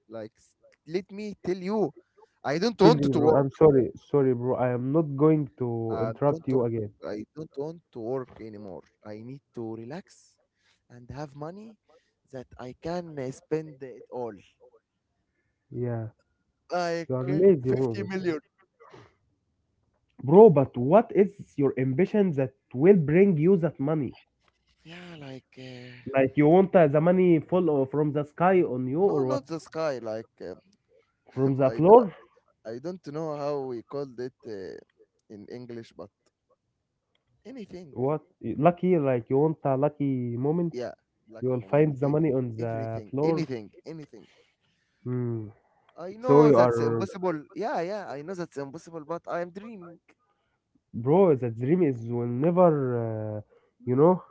[SPEAKER 1] like s- Let me tell you, I don't
[SPEAKER 2] Tell
[SPEAKER 1] want
[SPEAKER 2] me,
[SPEAKER 1] to
[SPEAKER 2] bro.
[SPEAKER 1] work.
[SPEAKER 2] I'm sorry. Sorry, bro. I am not going to interrupt
[SPEAKER 1] Don't
[SPEAKER 2] you again.
[SPEAKER 1] wo- I don't want to work anymore. I need to relax and have money that I can spend it all.
[SPEAKER 2] Yeah.
[SPEAKER 1] Like
[SPEAKER 2] You are lazy,
[SPEAKER 1] 50
[SPEAKER 2] bro.
[SPEAKER 1] million.
[SPEAKER 2] Bro, but what is your ambition that will bring you that money?
[SPEAKER 1] Yeah,
[SPEAKER 2] Like you want the money from the sky on you
[SPEAKER 1] no,
[SPEAKER 2] or what?
[SPEAKER 1] not the sky. Like
[SPEAKER 2] From the
[SPEAKER 1] I, d-
[SPEAKER 2] floor?
[SPEAKER 1] I don't know how we called it in English, but anything.
[SPEAKER 2] What? Lucky, like you want a lucky moment?
[SPEAKER 1] Yeah,
[SPEAKER 2] You
[SPEAKER 1] lucky
[SPEAKER 2] will
[SPEAKER 1] moment.
[SPEAKER 2] find the money on the
[SPEAKER 1] Everything,
[SPEAKER 2] floor.
[SPEAKER 1] anything, anything.
[SPEAKER 2] Hmm.
[SPEAKER 1] I
[SPEAKER 2] So
[SPEAKER 1] know
[SPEAKER 2] you
[SPEAKER 1] that's
[SPEAKER 2] are,
[SPEAKER 1] impossible. Yeah, yeah, I know that's impossible, but I am dreaming.
[SPEAKER 2] bro. The dream is will never, you know,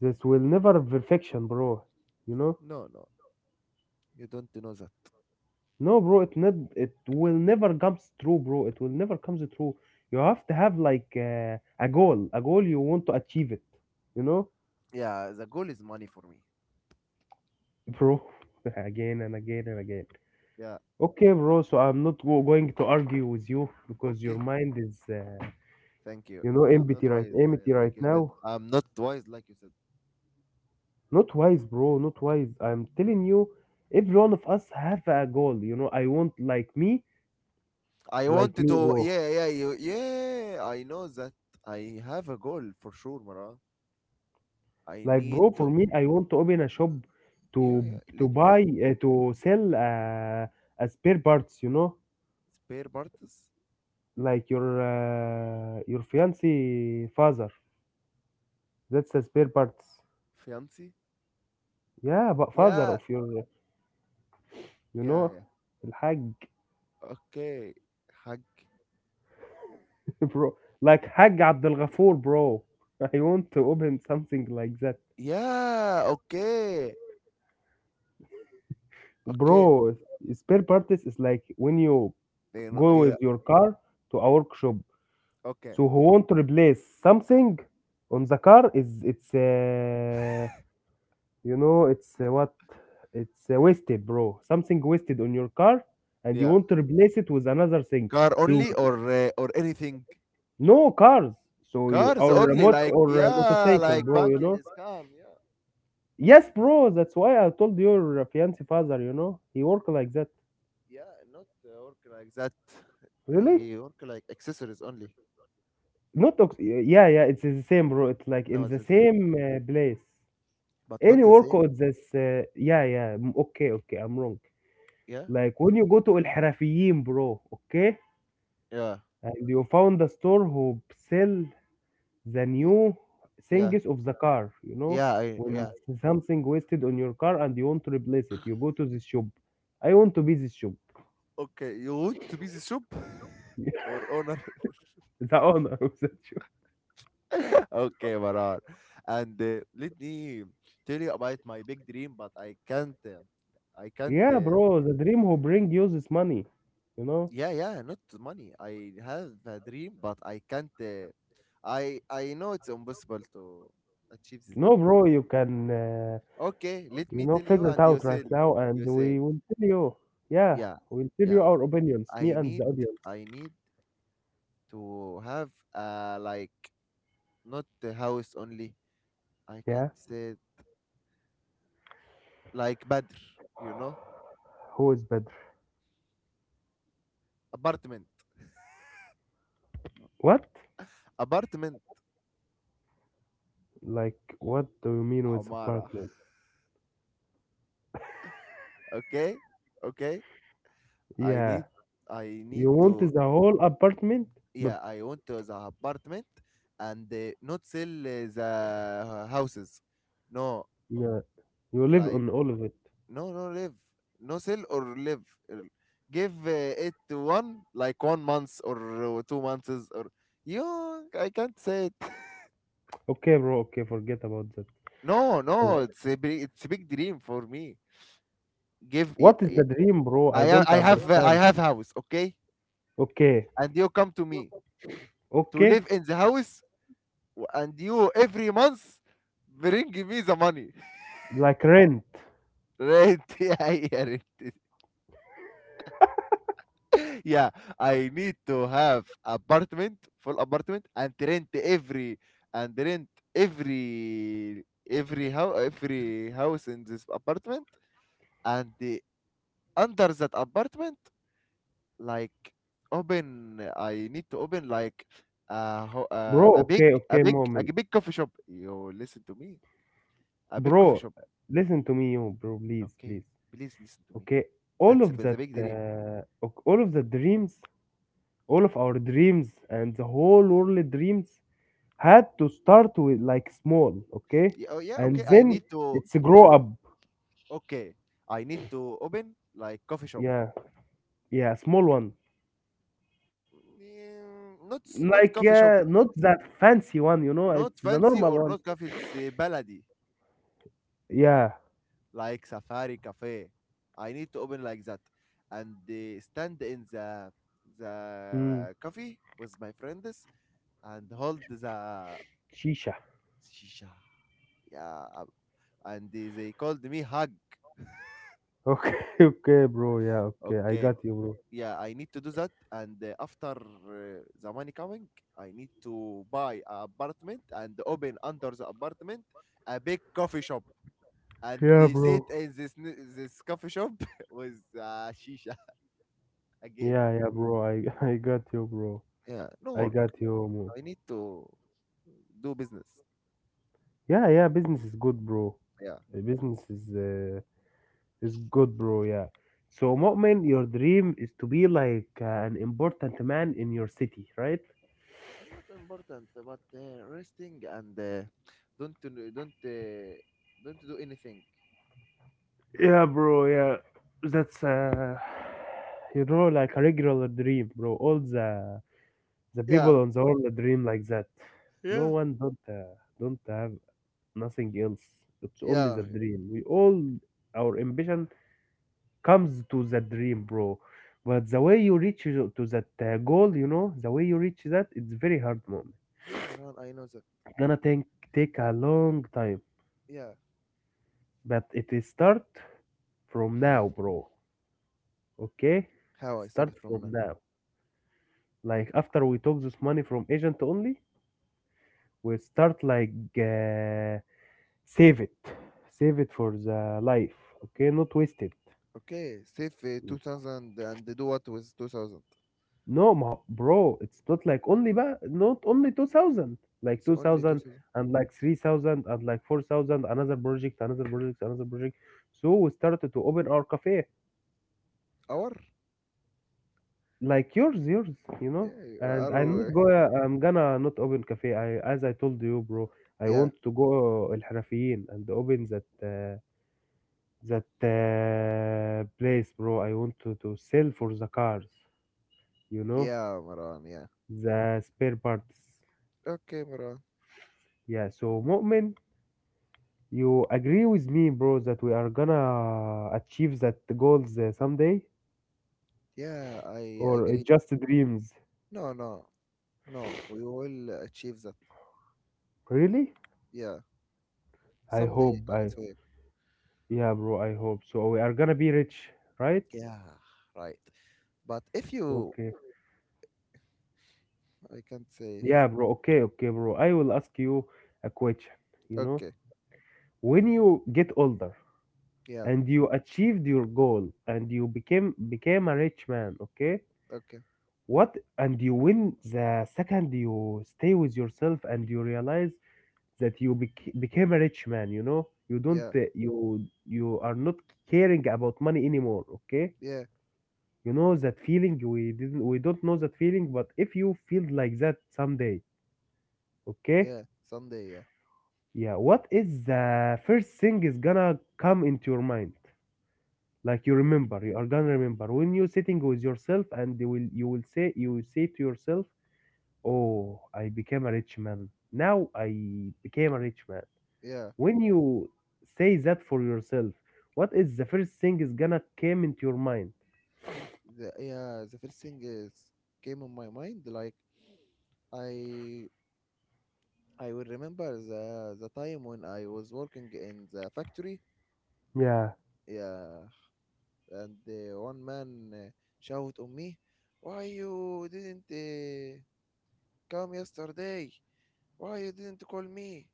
[SPEAKER 2] this will never perfection, bro. You know.
[SPEAKER 1] No, no, you don't know that.
[SPEAKER 2] No, bro, it will never comes true, bro. It will never comes true. You have to have like a goal you want to achieve it. You know,
[SPEAKER 1] Yeah, the goal is money for me.
[SPEAKER 2] bro, again and again and again.
[SPEAKER 1] Yeah,
[SPEAKER 2] Okay, bro. So I'm not going to argue with you because your
[SPEAKER 1] okay,
[SPEAKER 2] mind is,
[SPEAKER 1] thank you.
[SPEAKER 2] you know,
[SPEAKER 1] I'm not wise,
[SPEAKER 2] empty
[SPEAKER 1] like
[SPEAKER 2] right
[SPEAKER 1] you said.
[SPEAKER 2] now.
[SPEAKER 1] I'm not wise, like you said.
[SPEAKER 2] Not wise, bro. Not wise. I'm telling you, every one of us have a goal. You know, I want
[SPEAKER 1] I
[SPEAKER 2] like
[SPEAKER 1] wanted
[SPEAKER 2] me,
[SPEAKER 1] to,
[SPEAKER 2] bro.
[SPEAKER 1] yeah, yeah, you, yeah, I know that. I have a goal for sure, Mara. I
[SPEAKER 2] Like,
[SPEAKER 1] need
[SPEAKER 2] bro,
[SPEAKER 1] to,
[SPEAKER 2] for me, I want to open a shop
[SPEAKER 1] yeah,
[SPEAKER 2] to
[SPEAKER 1] yeah, let
[SPEAKER 2] buy
[SPEAKER 1] me
[SPEAKER 2] to sell spare parts. You know,
[SPEAKER 1] spare parts,
[SPEAKER 2] like your fiancé father. That's a spare parts.
[SPEAKER 1] fiancé.
[SPEAKER 2] Yeah, but father
[SPEAKER 1] Yeah,
[SPEAKER 2] of your, you know,
[SPEAKER 1] yeah, yeah.
[SPEAKER 2] الحاج.
[SPEAKER 1] Okay, hug.
[SPEAKER 2] Bro. Like Haj Abdel Ghafoor, bro. I want to open something like that,
[SPEAKER 1] Yeah, okay, okay.
[SPEAKER 2] bro. Spare parts is like when you
[SPEAKER 1] Then,
[SPEAKER 2] go
[SPEAKER 1] yeah,
[SPEAKER 2] with your car to a workshop.
[SPEAKER 1] okay,
[SPEAKER 2] So who want to replace something on the car, is it's you know, it's what it's wasted, bro. Something wasted on your car, and you
[SPEAKER 1] yeah.
[SPEAKER 2] want to replace it with another thing.
[SPEAKER 1] Car
[SPEAKER 2] So
[SPEAKER 1] only or anything?
[SPEAKER 2] no cars. So you
[SPEAKER 1] Cars
[SPEAKER 2] or
[SPEAKER 1] only,
[SPEAKER 2] remote
[SPEAKER 1] like,
[SPEAKER 2] or a
[SPEAKER 1] yeah,
[SPEAKER 2] motorcycle,
[SPEAKER 1] like
[SPEAKER 2] bro. You
[SPEAKER 1] Banking
[SPEAKER 2] know.
[SPEAKER 1] is calm, yeah,
[SPEAKER 2] Yes, bro. That's why I told your fiance father. You know he work like that.
[SPEAKER 1] yeah, not work like that.
[SPEAKER 2] Really?
[SPEAKER 1] He work like accessories only.
[SPEAKER 2] Not ox- yeah, yeah. It's the same, bro. It's like
[SPEAKER 1] No,
[SPEAKER 2] in
[SPEAKER 1] it's
[SPEAKER 2] the
[SPEAKER 1] the same,
[SPEAKER 2] same place.
[SPEAKER 1] but not
[SPEAKER 2] Any
[SPEAKER 1] the
[SPEAKER 2] work
[SPEAKER 1] same.
[SPEAKER 2] on this? Yeah, yeah. mm, Okay, okay. I'm wrong.
[SPEAKER 1] Yeah,
[SPEAKER 2] Like when you go to الحرفيين, bro, okay?
[SPEAKER 1] yeah,
[SPEAKER 2] And you found a store who sell the
[SPEAKER 1] yeah,
[SPEAKER 2] new
[SPEAKER 1] yeah,
[SPEAKER 2] things of the car, you know?
[SPEAKER 1] yeah. I,
[SPEAKER 2] When
[SPEAKER 1] yeah.
[SPEAKER 2] Yeah. Something wasted on your car and you want to replace it, you go to this shop. I want to be this shop.
[SPEAKER 1] Okay, you want to be the shop or owner?
[SPEAKER 2] The owner of that shop.
[SPEAKER 1] Okay, Maran. And let me tell you about my big dream, but I can't. I can't.
[SPEAKER 2] Yeah, bro, the dream who bring you this money, you know?
[SPEAKER 1] Yeah, yeah, not money. I have a dream, but I can't. I know it's impossible to achieve this
[SPEAKER 2] No,
[SPEAKER 1] dream.
[SPEAKER 2] bro, you can,
[SPEAKER 1] Okay, let
[SPEAKER 2] you
[SPEAKER 1] me
[SPEAKER 2] know,
[SPEAKER 1] tell you,
[SPEAKER 2] figure it
[SPEAKER 1] and
[SPEAKER 2] out right now and
[SPEAKER 1] you
[SPEAKER 2] we
[SPEAKER 1] say,
[SPEAKER 2] will tell you. Yeah,
[SPEAKER 1] yeah,
[SPEAKER 2] we'll tell you
[SPEAKER 1] yeah.
[SPEAKER 2] our opinions, me
[SPEAKER 1] I
[SPEAKER 2] and the
[SPEAKER 1] need,
[SPEAKER 2] audience.
[SPEAKER 1] I need to have like not the house only. I
[SPEAKER 2] Yeah.
[SPEAKER 1] can't say like Badr, you know,
[SPEAKER 2] Who is better?
[SPEAKER 1] apartment,
[SPEAKER 2] What?
[SPEAKER 1] apartment,
[SPEAKER 2] Like, what do you mean with
[SPEAKER 1] Amara.
[SPEAKER 2] apartment?
[SPEAKER 1] Okay, okay. I
[SPEAKER 2] Yeah,
[SPEAKER 1] need, I need
[SPEAKER 2] you want
[SPEAKER 1] to
[SPEAKER 2] the whole apartment, but
[SPEAKER 1] yeah, I want to the apartment and not sell the houses. No,
[SPEAKER 2] yeah, you live
[SPEAKER 1] like
[SPEAKER 2] on all of it.
[SPEAKER 1] no, no live, no sell or live. Er, Give it to one like one month or 2 months or you. I can't say it.
[SPEAKER 2] Okay, bro. Okay, forget about that.
[SPEAKER 1] No, no,
[SPEAKER 2] For-
[SPEAKER 1] it's a big dream for me. Give yeah,
[SPEAKER 2] What is
[SPEAKER 1] yeah,
[SPEAKER 2] the dream, bro? I
[SPEAKER 1] I ha-
[SPEAKER 2] don't
[SPEAKER 1] I have uh, I
[SPEAKER 2] understand.
[SPEAKER 1] have house, okay,
[SPEAKER 2] Okay,
[SPEAKER 1] and you come to me to
[SPEAKER 2] okay,
[SPEAKER 1] live in the house, and you every month bring me the money.
[SPEAKER 2] like rent,
[SPEAKER 1] Rent, yeah, yeah, rent it. Yeah, I need to have apartment, full apartment, and rent every and rent every every how every house in this apartment, and under that apartment, like I need to open
[SPEAKER 2] bro.
[SPEAKER 1] a big
[SPEAKER 2] Okay,
[SPEAKER 1] a
[SPEAKER 2] okay,
[SPEAKER 1] big a
[SPEAKER 2] moment,
[SPEAKER 1] big coffee shop. You listen to me, a big coffee
[SPEAKER 2] bro.
[SPEAKER 1] shop.
[SPEAKER 2] Listen to me, you, bro. Please,
[SPEAKER 1] Okay,
[SPEAKER 2] please.
[SPEAKER 1] please listen to me.
[SPEAKER 2] Okay, all
[SPEAKER 1] That's a,
[SPEAKER 2] of
[SPEAKER 1] the
[SPEAKER 2] that,
[SPEAKER 1] big dream.
[SPEAKER 2] ok- all of the dreams, all of our dreams, and the whole world dreams had to start with like small, okay?
[SPEAKER 1] Yeah, oh yeah,
[SPEAKER 2] And
[SPEAKER 1] okay. I
[SPEAKER 2] then
[SPEAKER 1] need to.
[SPEAKER 2] it's
[SPEAKER 1] The
[SPEAKER 2] grow up.
[SPEAKER 1] Okay, I need to open like coffee shop.
[SPEAKER 2] Yeah, yeah, small one.
[SPEAKER 1] Not
[SPEAKER 2] Like
[SPEAKER 1] coffee shop,
[SPEAKER 2] yeah, not that fancy one,
[SPEAKER 1] not
[SPEAKER 2] it's the
[SPEAKER 1] fancy
[SPEAKER 2] normal
[SPEAKER 1] or not
[SPEAKER 2] one.
[SPEAKER 1] cafe. It's baladi
[SPEAKER 2] Yeah.
[SPEAKER 1] like safari cafe. I need to open like that, and stand in the
[SPEAKER 2] Mm.
[SPEAKER 1] the coffee with my friends and hold the
[SPEAKER 2] Shisha.
[SPEAKER 1] shisha. Yeah, and they called me hug.
[SPEAKER 2] Okay, okay, bro. Yeah, okay. I
[SPEAKER 1] Okay,
[SPEAKER 2] got you, bro.
[SPEAKER 1] yeah, I need to do that, and after the money coming, I need to buy an apartment and open under the apartment a big coffee shop, and
[SPEAKER 2] Yeah,
[SPEAKER 1] they sit
[SPEAKER 2] bro.
[SPEAKER 1] in this this coffee shop with shisha again,
[SPEAKER 2] Yeah, yeah, bro. I I got you, bro.
[SPEAKER 1] yeah, no
[SPEAKER 2] I
[SPEAKER 1] work.
[SPEAKER 2] got you. Mo.
[SPEAKER 1] I need to do business,
[SPEAKER 2] Yeah, yeah, business is good, bro.
[SPEAKER 1] yeah,
[SPEAKER 2] Business is it's good, bro. Yeah. So,
[SPEAKER 1] yeah.
[SPEAKER 2] Mu'min, your dream is to be like an important man in your city, right?
[SPEAKER 1] Not important, but resting and don't to- don't don't do anything.
[SPEAKER 2] Yeah, bro. Yeah, that's you know, like a regular dream, bro. All the
[SPEAKER 1] Yeah,
[SPEAKER 2] people on the world dream like that. No
[SPEAKER 1] yeah,
[SPEAKER 2] one don't have nothing else. It's only
[SPEAKER 1] yeah,
[SPEAKER 2] the dream. We all our ambition comes to that dream, bro. But the way you reach to that goal, you know, the way you reach that, it's very hard, moment.
[SPEAKER 1] yeah, Marwan, I know that.
[SPEAKER 2] Gonna take a long time,
[SPEAKER 1] Yeah.
[SPEAKER 2] but it is start from now, bro. Okay,
[SPEAKER 1] How
[SPEAKER 2] it
[SPEAKER 1] I
[SPEAKER 2] start
[SPEAKER 1] started from now?
[SPEAKER 2] from now. Like after we took this money from agent only, we start like save it, save it for the life. Okay, not waste it.
[SPEAKER 1] Okay, save 2000 and do what with 2000?
[SPEAKER 2] No, ma- bro, it's not like only ba- not only 2,000, like
[SPEAKER 1] It's
[SPEAKER 2] two
[SPEAKER 1] only
[SPEAKER 2] thousand
[SPEAKER 1] 2000
[SPEAKER 2] and like 3,000 and like 4,000. Another project, another project, another project. So we started to open our cafe.
[SPEAKER 1] hour?
[SPEAKER 2] Like yours, yours, you know?
[SPEAKER 1] Yeah, you
[SPEAKER 2] And
[SPEAKER 1] are,
[SPEAKER 2] I'm gonna not open cafe. I as I told you, bro, I
[SPEAKER 1] yeah,
[SPEAKER 2] want to go El Harafiyin and open that that place, bro. I want to sell for the cars, you know,
[SPEAKER 1] yeah, Maran, yeah.
[SPEAKER 2] the spare parts.
[SPEAKER 1] Okay, Maran.
[SPEAKER 2] Yeah, so Mu'min, you agree with me, bro, that we are gonna achieve that goals someday,
[SPEAKER 1] Yeah, I
[SPEAKER 2] or it
[SPEAKER 1] agree.
[SPEAKER 2] just dreams?
[SPEAKER 1] No, no, no, we will achieve that.
[SPEAKER 2] Really?
[SPEAKER 1] Yeah,
[SPEAKER 2] I
[SPEAKER 1] someday,
[SPEAKER 2] hope.
[SPEAKER 1] I
[SPEAKER 2] I
[SPEAKER 1] swear.
[SPEAKER 2] yeah, bro. I hope so. We are gonna be rich, right?
[SPEAKER 1] Yeah, right. But if you,
[SPEAKER 2] Okay.
[SPEAKER 1] I can't say,
[SPEAKER 2] Yeah, bro. Okay, okay, bro. I will ask you a question. You know,
[SPEAKER 1] okay,
[SPEAKER 2] when you get older
[SPEAKER 1] yeah,
[SPEAKER 2] and you achieved your goal and you became a rich man, okay?
[SPEAKER 1] okay,
[SPEAKER 2] What and you win the second you stay with yourself and you realize that you bec- became a rich man, you know? You don't
[SPEAKER 1] yeah,
[SPEAKER 2] you are not caring about money anymore, okay?
[SPEAKER 1] yeah,
[SPEAKER 2] You know that feeling we don't know that feeling, but if you feel like that someday, okay?
[SPEAKER 1] yeah, someday, yeah,
[SPEAKER 2] Yeah, what is the first thing is gonna come into your mind? Like you remember, you are gonna remember when you're sitting with yourself, and you will say to yourself, "Oh, I became a rich man. Now I became a rich man."
[SPEAKER 1] yeah.
[SPEAKER 2] When you say that for yourself, what is the first thing is gonna come into your mind?
[SPEAKER 1] Yeah, the first thing is came on my mind, like, i I will remember the time when I was working in the factory.
[SPEAKER 2] Yeah,
[SPEAKER 1] Yeah, and one man shouted on me, why you didn't come yesterday, why you didn't call me,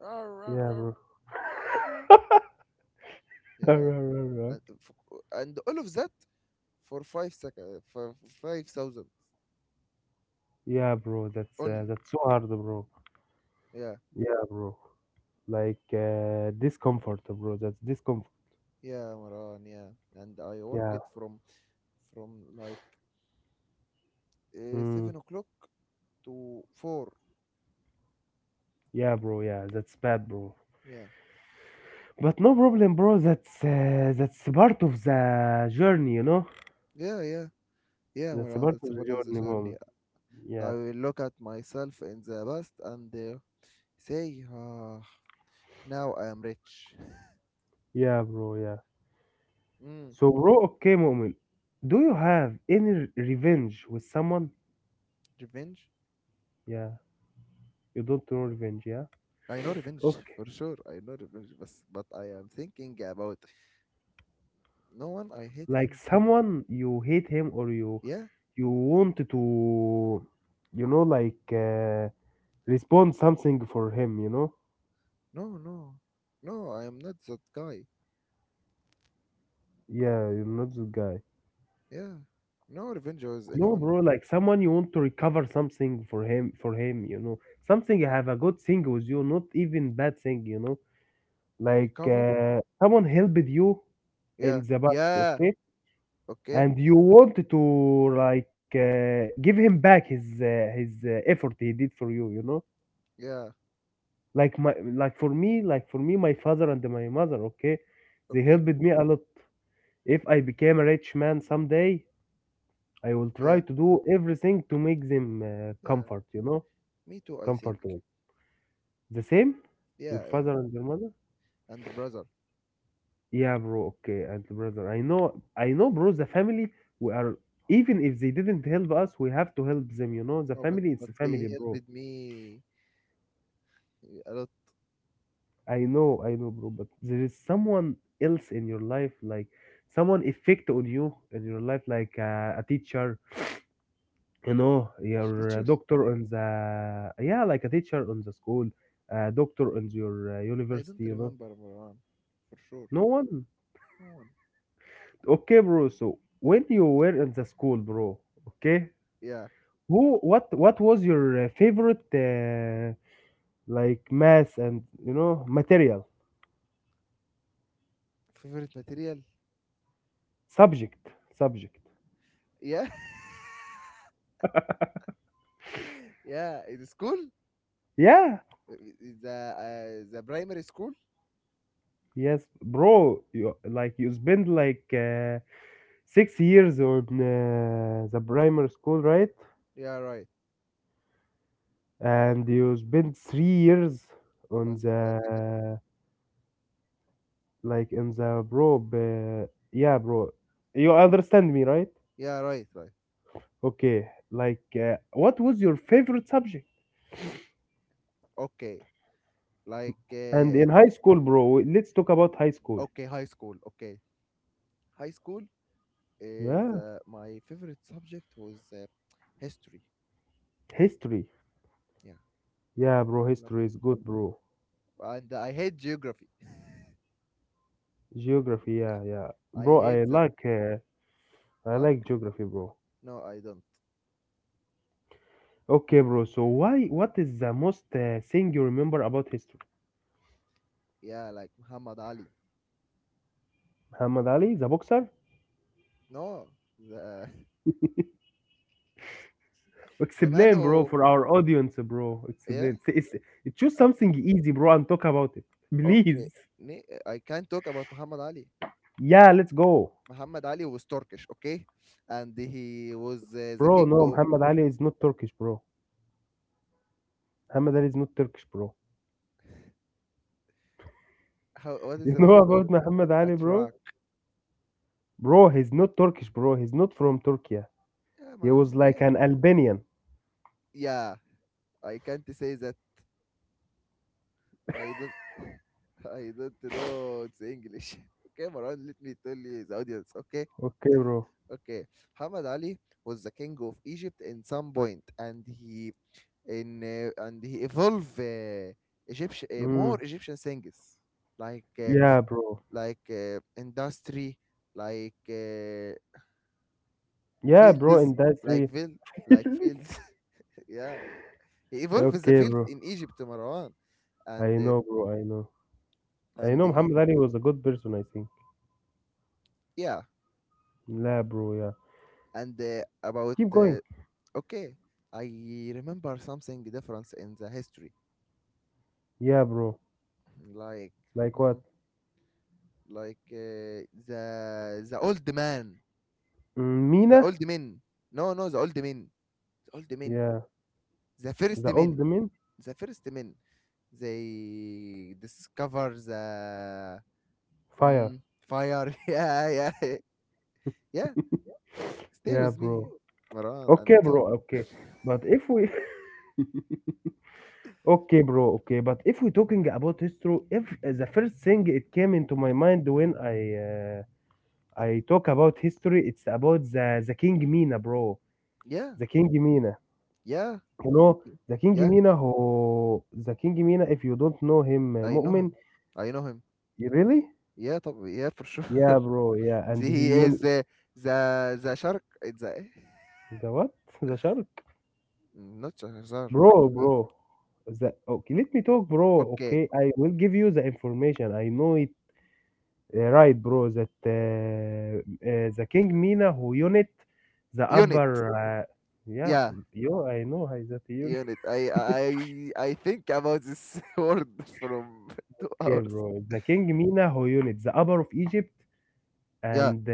[SPEAKER 1] "Rawr, rawr,
[SPEAKER 2] yeah,
[SPEAKER 1] rawr."
[SPEAKER 2] bro.
[SPEAKER 1] Yeah, and all of that for 5 seconds for 5,000
[SPEAKER 2] Yeah, bro,
[SPEAKER 1] only.
[SPEAKER 2] that's so hard, bro.
[SPEAKER 1] Yeah,
[SPEAKER 2] Yeah, bro. Like discomfort, bro. That's discomfort.
[SPEAKER 1] yeah, Maran, yeah, and I
[SPEAKER 2] Yeah.
[SPEAKER 1] worked from from like
[SPEAKER 2] Mm.
[SPEAKER 1] 7 o'clock to 4.
[SPEAKER 2] Yeah, bro. Yeah, that's bad, bro.
[SPEAKER 1] Yeah,
[SPEAKER 2] But no problem, bro. That's part of the journey, you know.
[SPEAKER 1] yeah, yeah, yeah,
[SPEAKER 2] That's
[SPEAKER 1] Maran.
[SPEAKER 2] part of
[SPEAKER 1] That's a
[SPEAKER 2] the
[SPEAKER 1] part of the
[SPEAKER 2] journey,
[SPEAKER 1] journey.
[SPEAKER 2] moment. Yeah.
[SPEAKER 1] I will look at myself in the past and say, ah, now I am rich.
[SPEAKER 2] Yeah, bro. Yeah.
[SPEAKER 1] Mm,
[SPEAKER 2] So, bro. Okay, moment. Do you have any re- revenge with someone?
[SPEAKER 1] revenge.
[SPEAKER 2] Yeah. You don't know revenge, yeah.
[SPEAKER 1] I know revenge
[SPEAKER 2] Okay.
[SPEAKER 1] for sure. I know revenge, but I am thinking about no one. I hate
[SPEAKER 2] Like
[SPEAKER 1] him too.
[SPEAKER 2] someone you hate him or you
[SPEAKER 1] Yeah,
[SPEAKER 2] want to, you know, like respond something for him, you know.
[SPEAKER 1] no, no, no. I am not that guy.
[SPEAKER 2] Yeah, you're not the guy.
[SPEAKER 1] Yeah, no revenge was
[SPEAKER 2] No,
[SPEAKER 1] anyone.
[SPEAKER 2] bro, like someone you want to recover something for him, you know, something have a good thing with you, not even bad thing, you know, like
[SPEAKER 1] Recover.
[SPEAKER 2] someone helped you in
[SPEAKER 1] Yeah,
[SPEAKER 2] the past,
[SPEAKER 1] yeah.
[SPEAKER 2] okay,
[SPEAKER 1] Okay.
[SPEAKER 2] and you want to like give him back his effort he did for you, you know,
[SPEAKER 1] Yeah.
[SPEAKER 2] like my like for me, my father and my mother, okay, they
[SPEAKER 1] Okay.
[SPEAKER 2] helped me a lot. If I became a rich man someday, I will try
[SPEAKER 1] Yeah.
[SPEAKER 2] to do everything to make them
[SPEAKER 1] Yeah,
[SPEAKER 2] comfort, you know,
[SPEAKER 1] me too, I
[SPEAKER 2] comfort.
[SPEAKER 1] think.
[SPEAKER 2] The same? Your
[SPEAKER 1] Yeah,
[SPEAKER 2] father
[SPEAKER 1] yeah.
[SPEAKER 2] and your mother?
[SPEAKER 1] And the brother.
[SPEAKER 2] Yeah, bro. Okay, and the brother. I know, bro. The family, we are even if they didn't help us, we have to help them. You know, the
[SPEAKER 1] Oh, but
[SPEAKER 2] family, it's a family,
[SPEAKER 1] they
[SPEAKER 2] bro.
[SPEAKER 1] helped me a lot.
[SPEAKER 2] I know, bro. But there is someone else in your life, like someone effect on you in your life, like a teacher. You know, your
[SPEAKER 1] Teacher?
[SPEAKER 2] doctor on the yeah, like a teacher on the school, doctor on your
[SPEAKER 1] I
[SPEAKER 2] university.
[SPEAKER 1] don't
[SPEAKER 2] You know,
[SPEAKER 1] remember Marwan, for sure.
[SPEAKER 2] no one.
[SPEAKER 1] No one.
[SPEAKER 2] Okay, bro. So when you were in the school, bro, okay,
[SPEAKER 1] Yeah.
[SPEAKER 2] who, what, was your favorite, like math and you know material
[SPEAKER 1] Favorite material?
[SPEAKER 2] subject, subject?
[SPEAKER 1] Yeah. Yeah, in school?
[SPEAKER 2] Yeah,
[SPEAKER 1] Uh, The the primary school?
[SPEAKER 2] yes, bro. You like you spend like 6 years on the primary school, right?
[SPEAKER 1] Yeah, right.
[SPEAKER 2] And you spend 3 years on
[SPEAKER 1] On the secondary.
[SPEAKER 2] the like in the bro. Yeah, bro. You understand me, right?
[SPEAKER 1] Yeah, right, right.
[SPEAKER 2] Okay, like, what was your favorite subject?
[SPEAKER 1] Okay. Like
[SPEAKER 2] And in
[SPEAKER 1] it's
[SPEAKER 2] high school, bro, let's talk about high school.
[SPEAKER 1] Okay, high school. Okay. High school is
[SPEAKER 2] Yeah,
[SPEAKER 1] my favorite subject was history.
[SPEAKER 2] history.
[SPEAKER 1] Yeah.
[SPEAKER 2] Yeah,
[SPEAKER 1] I
[SPEAKER 2] bro,
[SPEAKER 1] love
[SPEAKER 2] history
[SPEAKER 1] history.
[SPEAKER 2] is good, bro.
[SPEAKER 1] And I hate geography.
[SPEAKER 2] Geography, yeah, yeah.
[SPEAKER 1] I
[SPEAKER 2] Bro,
[SPEAKER 1] hate that.
[SPEAKER 2] I
[SPEAKER 1] Luck?
[SPEAKER 2] like geography, bro.
[SPEAKER 1] No, I don't.
[SPEAKER 2] Okay, bro. So why what is the most thing you remember about history?
[SPEAKER 1] Yeah, like Muhammad Ali.
[SPEAKER 2] Muhammad Ali, the boxer?
[SPEAKER 1] No, the the man
[SPEAKER 2] Explain, bro,
[SPEAKER 1] who
[SPEAKER 2] for our audience, bro.
[SPEAKER 1] yeah.
[SPEAKER 2] Explain. Say- it's- Choose
[SPEAKER 1] Uh,
[SPEAKER 2] something easy, bro, and talk about it.
[SPEAKER 1] okay,
[SPEAKER 2] Please.
[SPEAKER 1] I can't talk about Muhammad Ali.
[SPEAKER 2] Yeah, let's go.
[SPEAKER 1] Muhammad Ali was Turkish, okay, and he was the
[SPEAKER 2] Bro,
[SPEAKER 1] king
[SPEAKER 2] no,
[SPEAKER 1] of,
[SPEAKER 2] Muhammad Ali is not Turkish, bro. Muhammad Ali is not Turkish, bro.
[SPEAKER 1] how, what is
[SPEAKER 2] You
[SPEAKER 1] the
[SPEAKER 2] know
[SPEAKER 1] meaning of
[SPEAKER 2] about Muhammad Ali, bro?
[SPEAKER 1] Atrak?
[SPEAKER 2] Bro, he's not Turkish, bro. He's not from Turkey.
[SPEAKER 1] Yeah,
[SPEAKER 2] He was
[SPEAKER 1] Muhammad,
[SPEAKER 2] like
[SPEAKER 1] yeah,
[SPEAKER 2] an Albanian.
[SPEAKER 1] yeah. I can't say that. I don't. I don't know. It's English. Okay, Maran, let me tell you the audience. Okay,
[SPEAKER 2] Okay, bro.
[SPEAKER 1] okay, Muhammad Ali was the king of Egypt in some point, and he in and he evolved Egyptian
[SPEAKER 2] Mm.
[SPEAKER 1] more Egyptian things, like uh,
[SPEAKER 2] Yeah, bro.
[SPEAKER 1] like uh, industry, like
[SPEAKER 2] Yeah, bro,
[SPEAKER 1] fields,
[SPEAKER 2] in that
[SPEAKER 1] like
[SPEAKER 2] three.
[SPEAKER 1] field, like fields. Yeah, he evolved the
[SPEAKER 2] Okay,
[SPEAKER 1] fields
[SPEAKER 2] bro.
[SPEAKER 1] in Egypt, Marwan, and
[SPEAKER 2] I
[SPEAKER 1] uh,
[SPEAKER 2] know, bro. I know. I
[SPEAKER 1] and
[SPEAKER 2] know
[SPEAKER 1] he,
[SPEAKER 2] Muhammad Ali was a good person, I think.
[SPEAKER 1] yeah,
[SPEAKER 2] Yeah, bro. Yeah.
[SPEAKER 1] and about,
[SPEAKER 2] Keep going.
[SPEAKER 1] okay, I remember something difference in the history,
[SPEAKER 2] Yeah, bro.
[SPEAKER 1] like.
[SPEAKER 2] Like
[SPEAKER 1] Hmm.
[SPEAKER 2] what?
[SPEAKER 1] Like the old man,
[SPEAKER 2] Mm,
[SPEAKER 1] the
[SPEAKER 2] Mina?
[SPEAKER 1] old men, no, no, the old men, the old men,
[SPEAKER 2] Yeah.
[SPEAKER 1] the first
[SPEAKER 2] The
[SPEAKER 1] men,
[SPEAKER 2] old man?
[SPEAKER 1] the first men, they discover the,
[SPEAKER 2] Fire.
[SPEAKER 1] mm, fire. Yeah, yeah, yeah, stay
[SPEAKER 2] Yeah,
[SPEAKER 1] with
[SPEAKER 2] bro.
[SPEAKER 1] me, Maran, and
[SPEAKER 2] Okay,
[SPEAKER 1] talk.
[SPEAKER 2] bro. Okay. But if we okay, bro. Okay, but if we're talking about history, if the first thing it came into my mind when I talk about history, it's about the King Mina, bro.
[SPEAKER 1] Yeah,
[SPEAKER 2] The King Mina,
[SPEAKER 1] yeah,
[SPEAKER 2] you know, the King
[SPEAKER 1] yeah,
[SPEAKER 2] Mina who the King Mina. If you don't know him,
[SPEAKER 1] I know
[SPEAKER 2] Mu'min,
[SPEAKER 1] him, I know him,
[SPEAKER 2] you really?
[SPEAKER 1] yeah, طب, yeah, for sure.
[SPEAKER 2] Yeah, bro. Yeah, and
[SPEAKER 1] He
[SPEAKER 2] he
[SPEAKER 1] is
[SPEAKER 2] un
[SPEAKER 1] the shark. It's the
[SPEAKER 2] the what? The shark,
[SPEAKER 1] not shark, the,
[SPEAKER 2] bro. The okay, let me talk, bro.
[SPEAKER 1] okay,
[SPEAKER 2] Okay, I will give you the information. I know it right, bro. That the King Mina who unit the
[SPEAKER 1] unit.
[SPEAKER 2] upper. Yeah,
[SPEAKER 1] Yeah,
[SPEAKER 2] bro. Yo, I know how is that unit.
[SPEAKER 1] unit. I think about this word from two
[SPEAKER 2] Okay,
[SPEAKER 1] hours.
[SPEAKER 2] bro. The King Mina who unit the upper of Egypt
[SPEAKER 1] Yeah,
[SPEAKER 2] and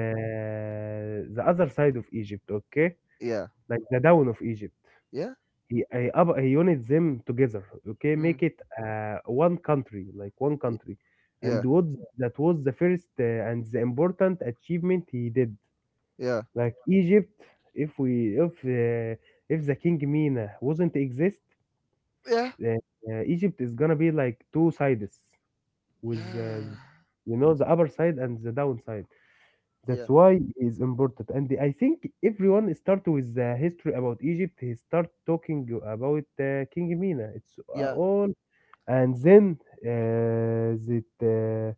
[SPEAKER 2] the other side of Egypt. Okay,
[SPEAKER 1] yeah,
[SPEAKER 2] like the down of Egypt.
[SPEAKER 1] yeah.
[SPEAKER 2] He up, he unit them together. Okay,
[SPEAKER 1] Mm,
[SPEAKER 2] make it one country, like one
[SPEAKER 1] y-
[SPEAKER 2] country.
[SPEAKER 1] yeah,
[SPEAKER 2] And what that was the first and the important achievement he did.
[SPEAKER 1] yeah,
[SPEAKER 2] Like Egypt, if we if the King Mina wasn't exist,
[SPEAKER 1] yeah,
[SPEAKER 2] uh, Egypt is gonna be like two sides with
[SPEAKER 1] yeah,
[SPEAKER 2] you know the upper side and the downside. That's
[SPEAKER 1] yeah,
[SPEAKER 2] why it's important. And I think everyone start with the history about Egypt. He start talking about King Mina. It's
[SPEAKER 1] yeah.
[SPEAKER 2] all and then it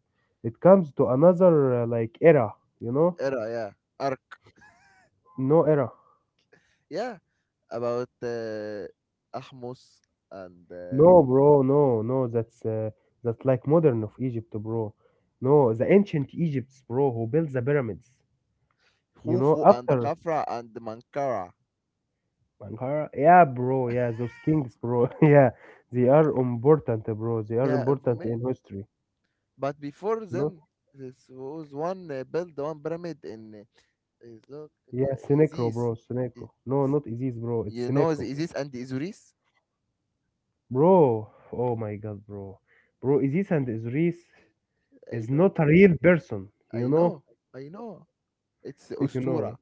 [SPEAKER 2] it comes to another like era. You know,
[SPEAKER 1] Era, yeah. Arc,
[SPEAKER 2] no era.
[SPEAKER 1] yeah. About Ahmus and
[SPEAKER 2] No, bro, no, no, that's like modern of Egypt, bro. No, the ancient Egypts, bro, who built the pyramids. You know,
[SPEAKER 1] Hufu and
[SPEAKER 2] after
[SPEAKER 1] Khafra and Mankara.
[SPEAKER 2] Sankara, yeah, bro, yeah, those kings, bro, yeah, they are important, bro. They are
[SPEAKER 1] Yeah, if
[SPEAKER 2] important
[SPEAKER 1] me-
[SPEAKER 2] in history.
[SPEAKER 1] but before
[SPEAKER 2] You know,
[SPEAKER 1] them, this was one build one pyramid in, is look, uh,
[SPEAKER 2] yeah, Senecro,
[SPEAKER 1] Isis.
[SPEAKER 2] bro, Senecro.
[SPEAKER 1] Y-
[SPEAKER 2] No, not Isis, bro. It's
[SPEAKER 1] You know
[SPEAKER 2] Senefro,
[SPEAKER 1] the Isis and the Isuris?
[SPEAKER 2] bro. Oh my God, bro, Isis and Osiris
[SPEAKER 1] I
[SPEAKER 2] is
[SPEAKER 1] know,
[SPEAKER 2] not a real person. You
[SPEAKER 1] I
[SPEAKER 2] know,
[SPEAKER 1] know, I know. It's
[SPEAKER 2] you
[SPEAKER 1] Ustura.
[SPEAKER 2] know.